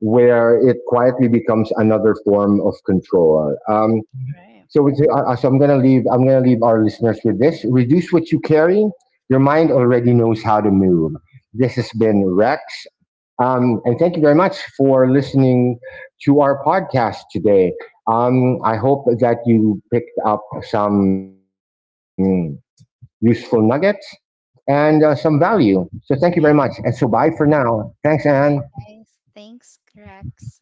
A: where it quietly becomes another form of control.
B: right.
A: So, we say, I'm gonna leave our listeners with this: reduce what you carry. Your mind already knows how to move. This has been Rex, and thank you very much for listening to our podcast today. I hope that you picked up some useful nuggets and some value. So, thank you very much, and so
B: Yeah,
A: bye for now. Thanks, Anne.
B: bye, guys. Thanks, Rex.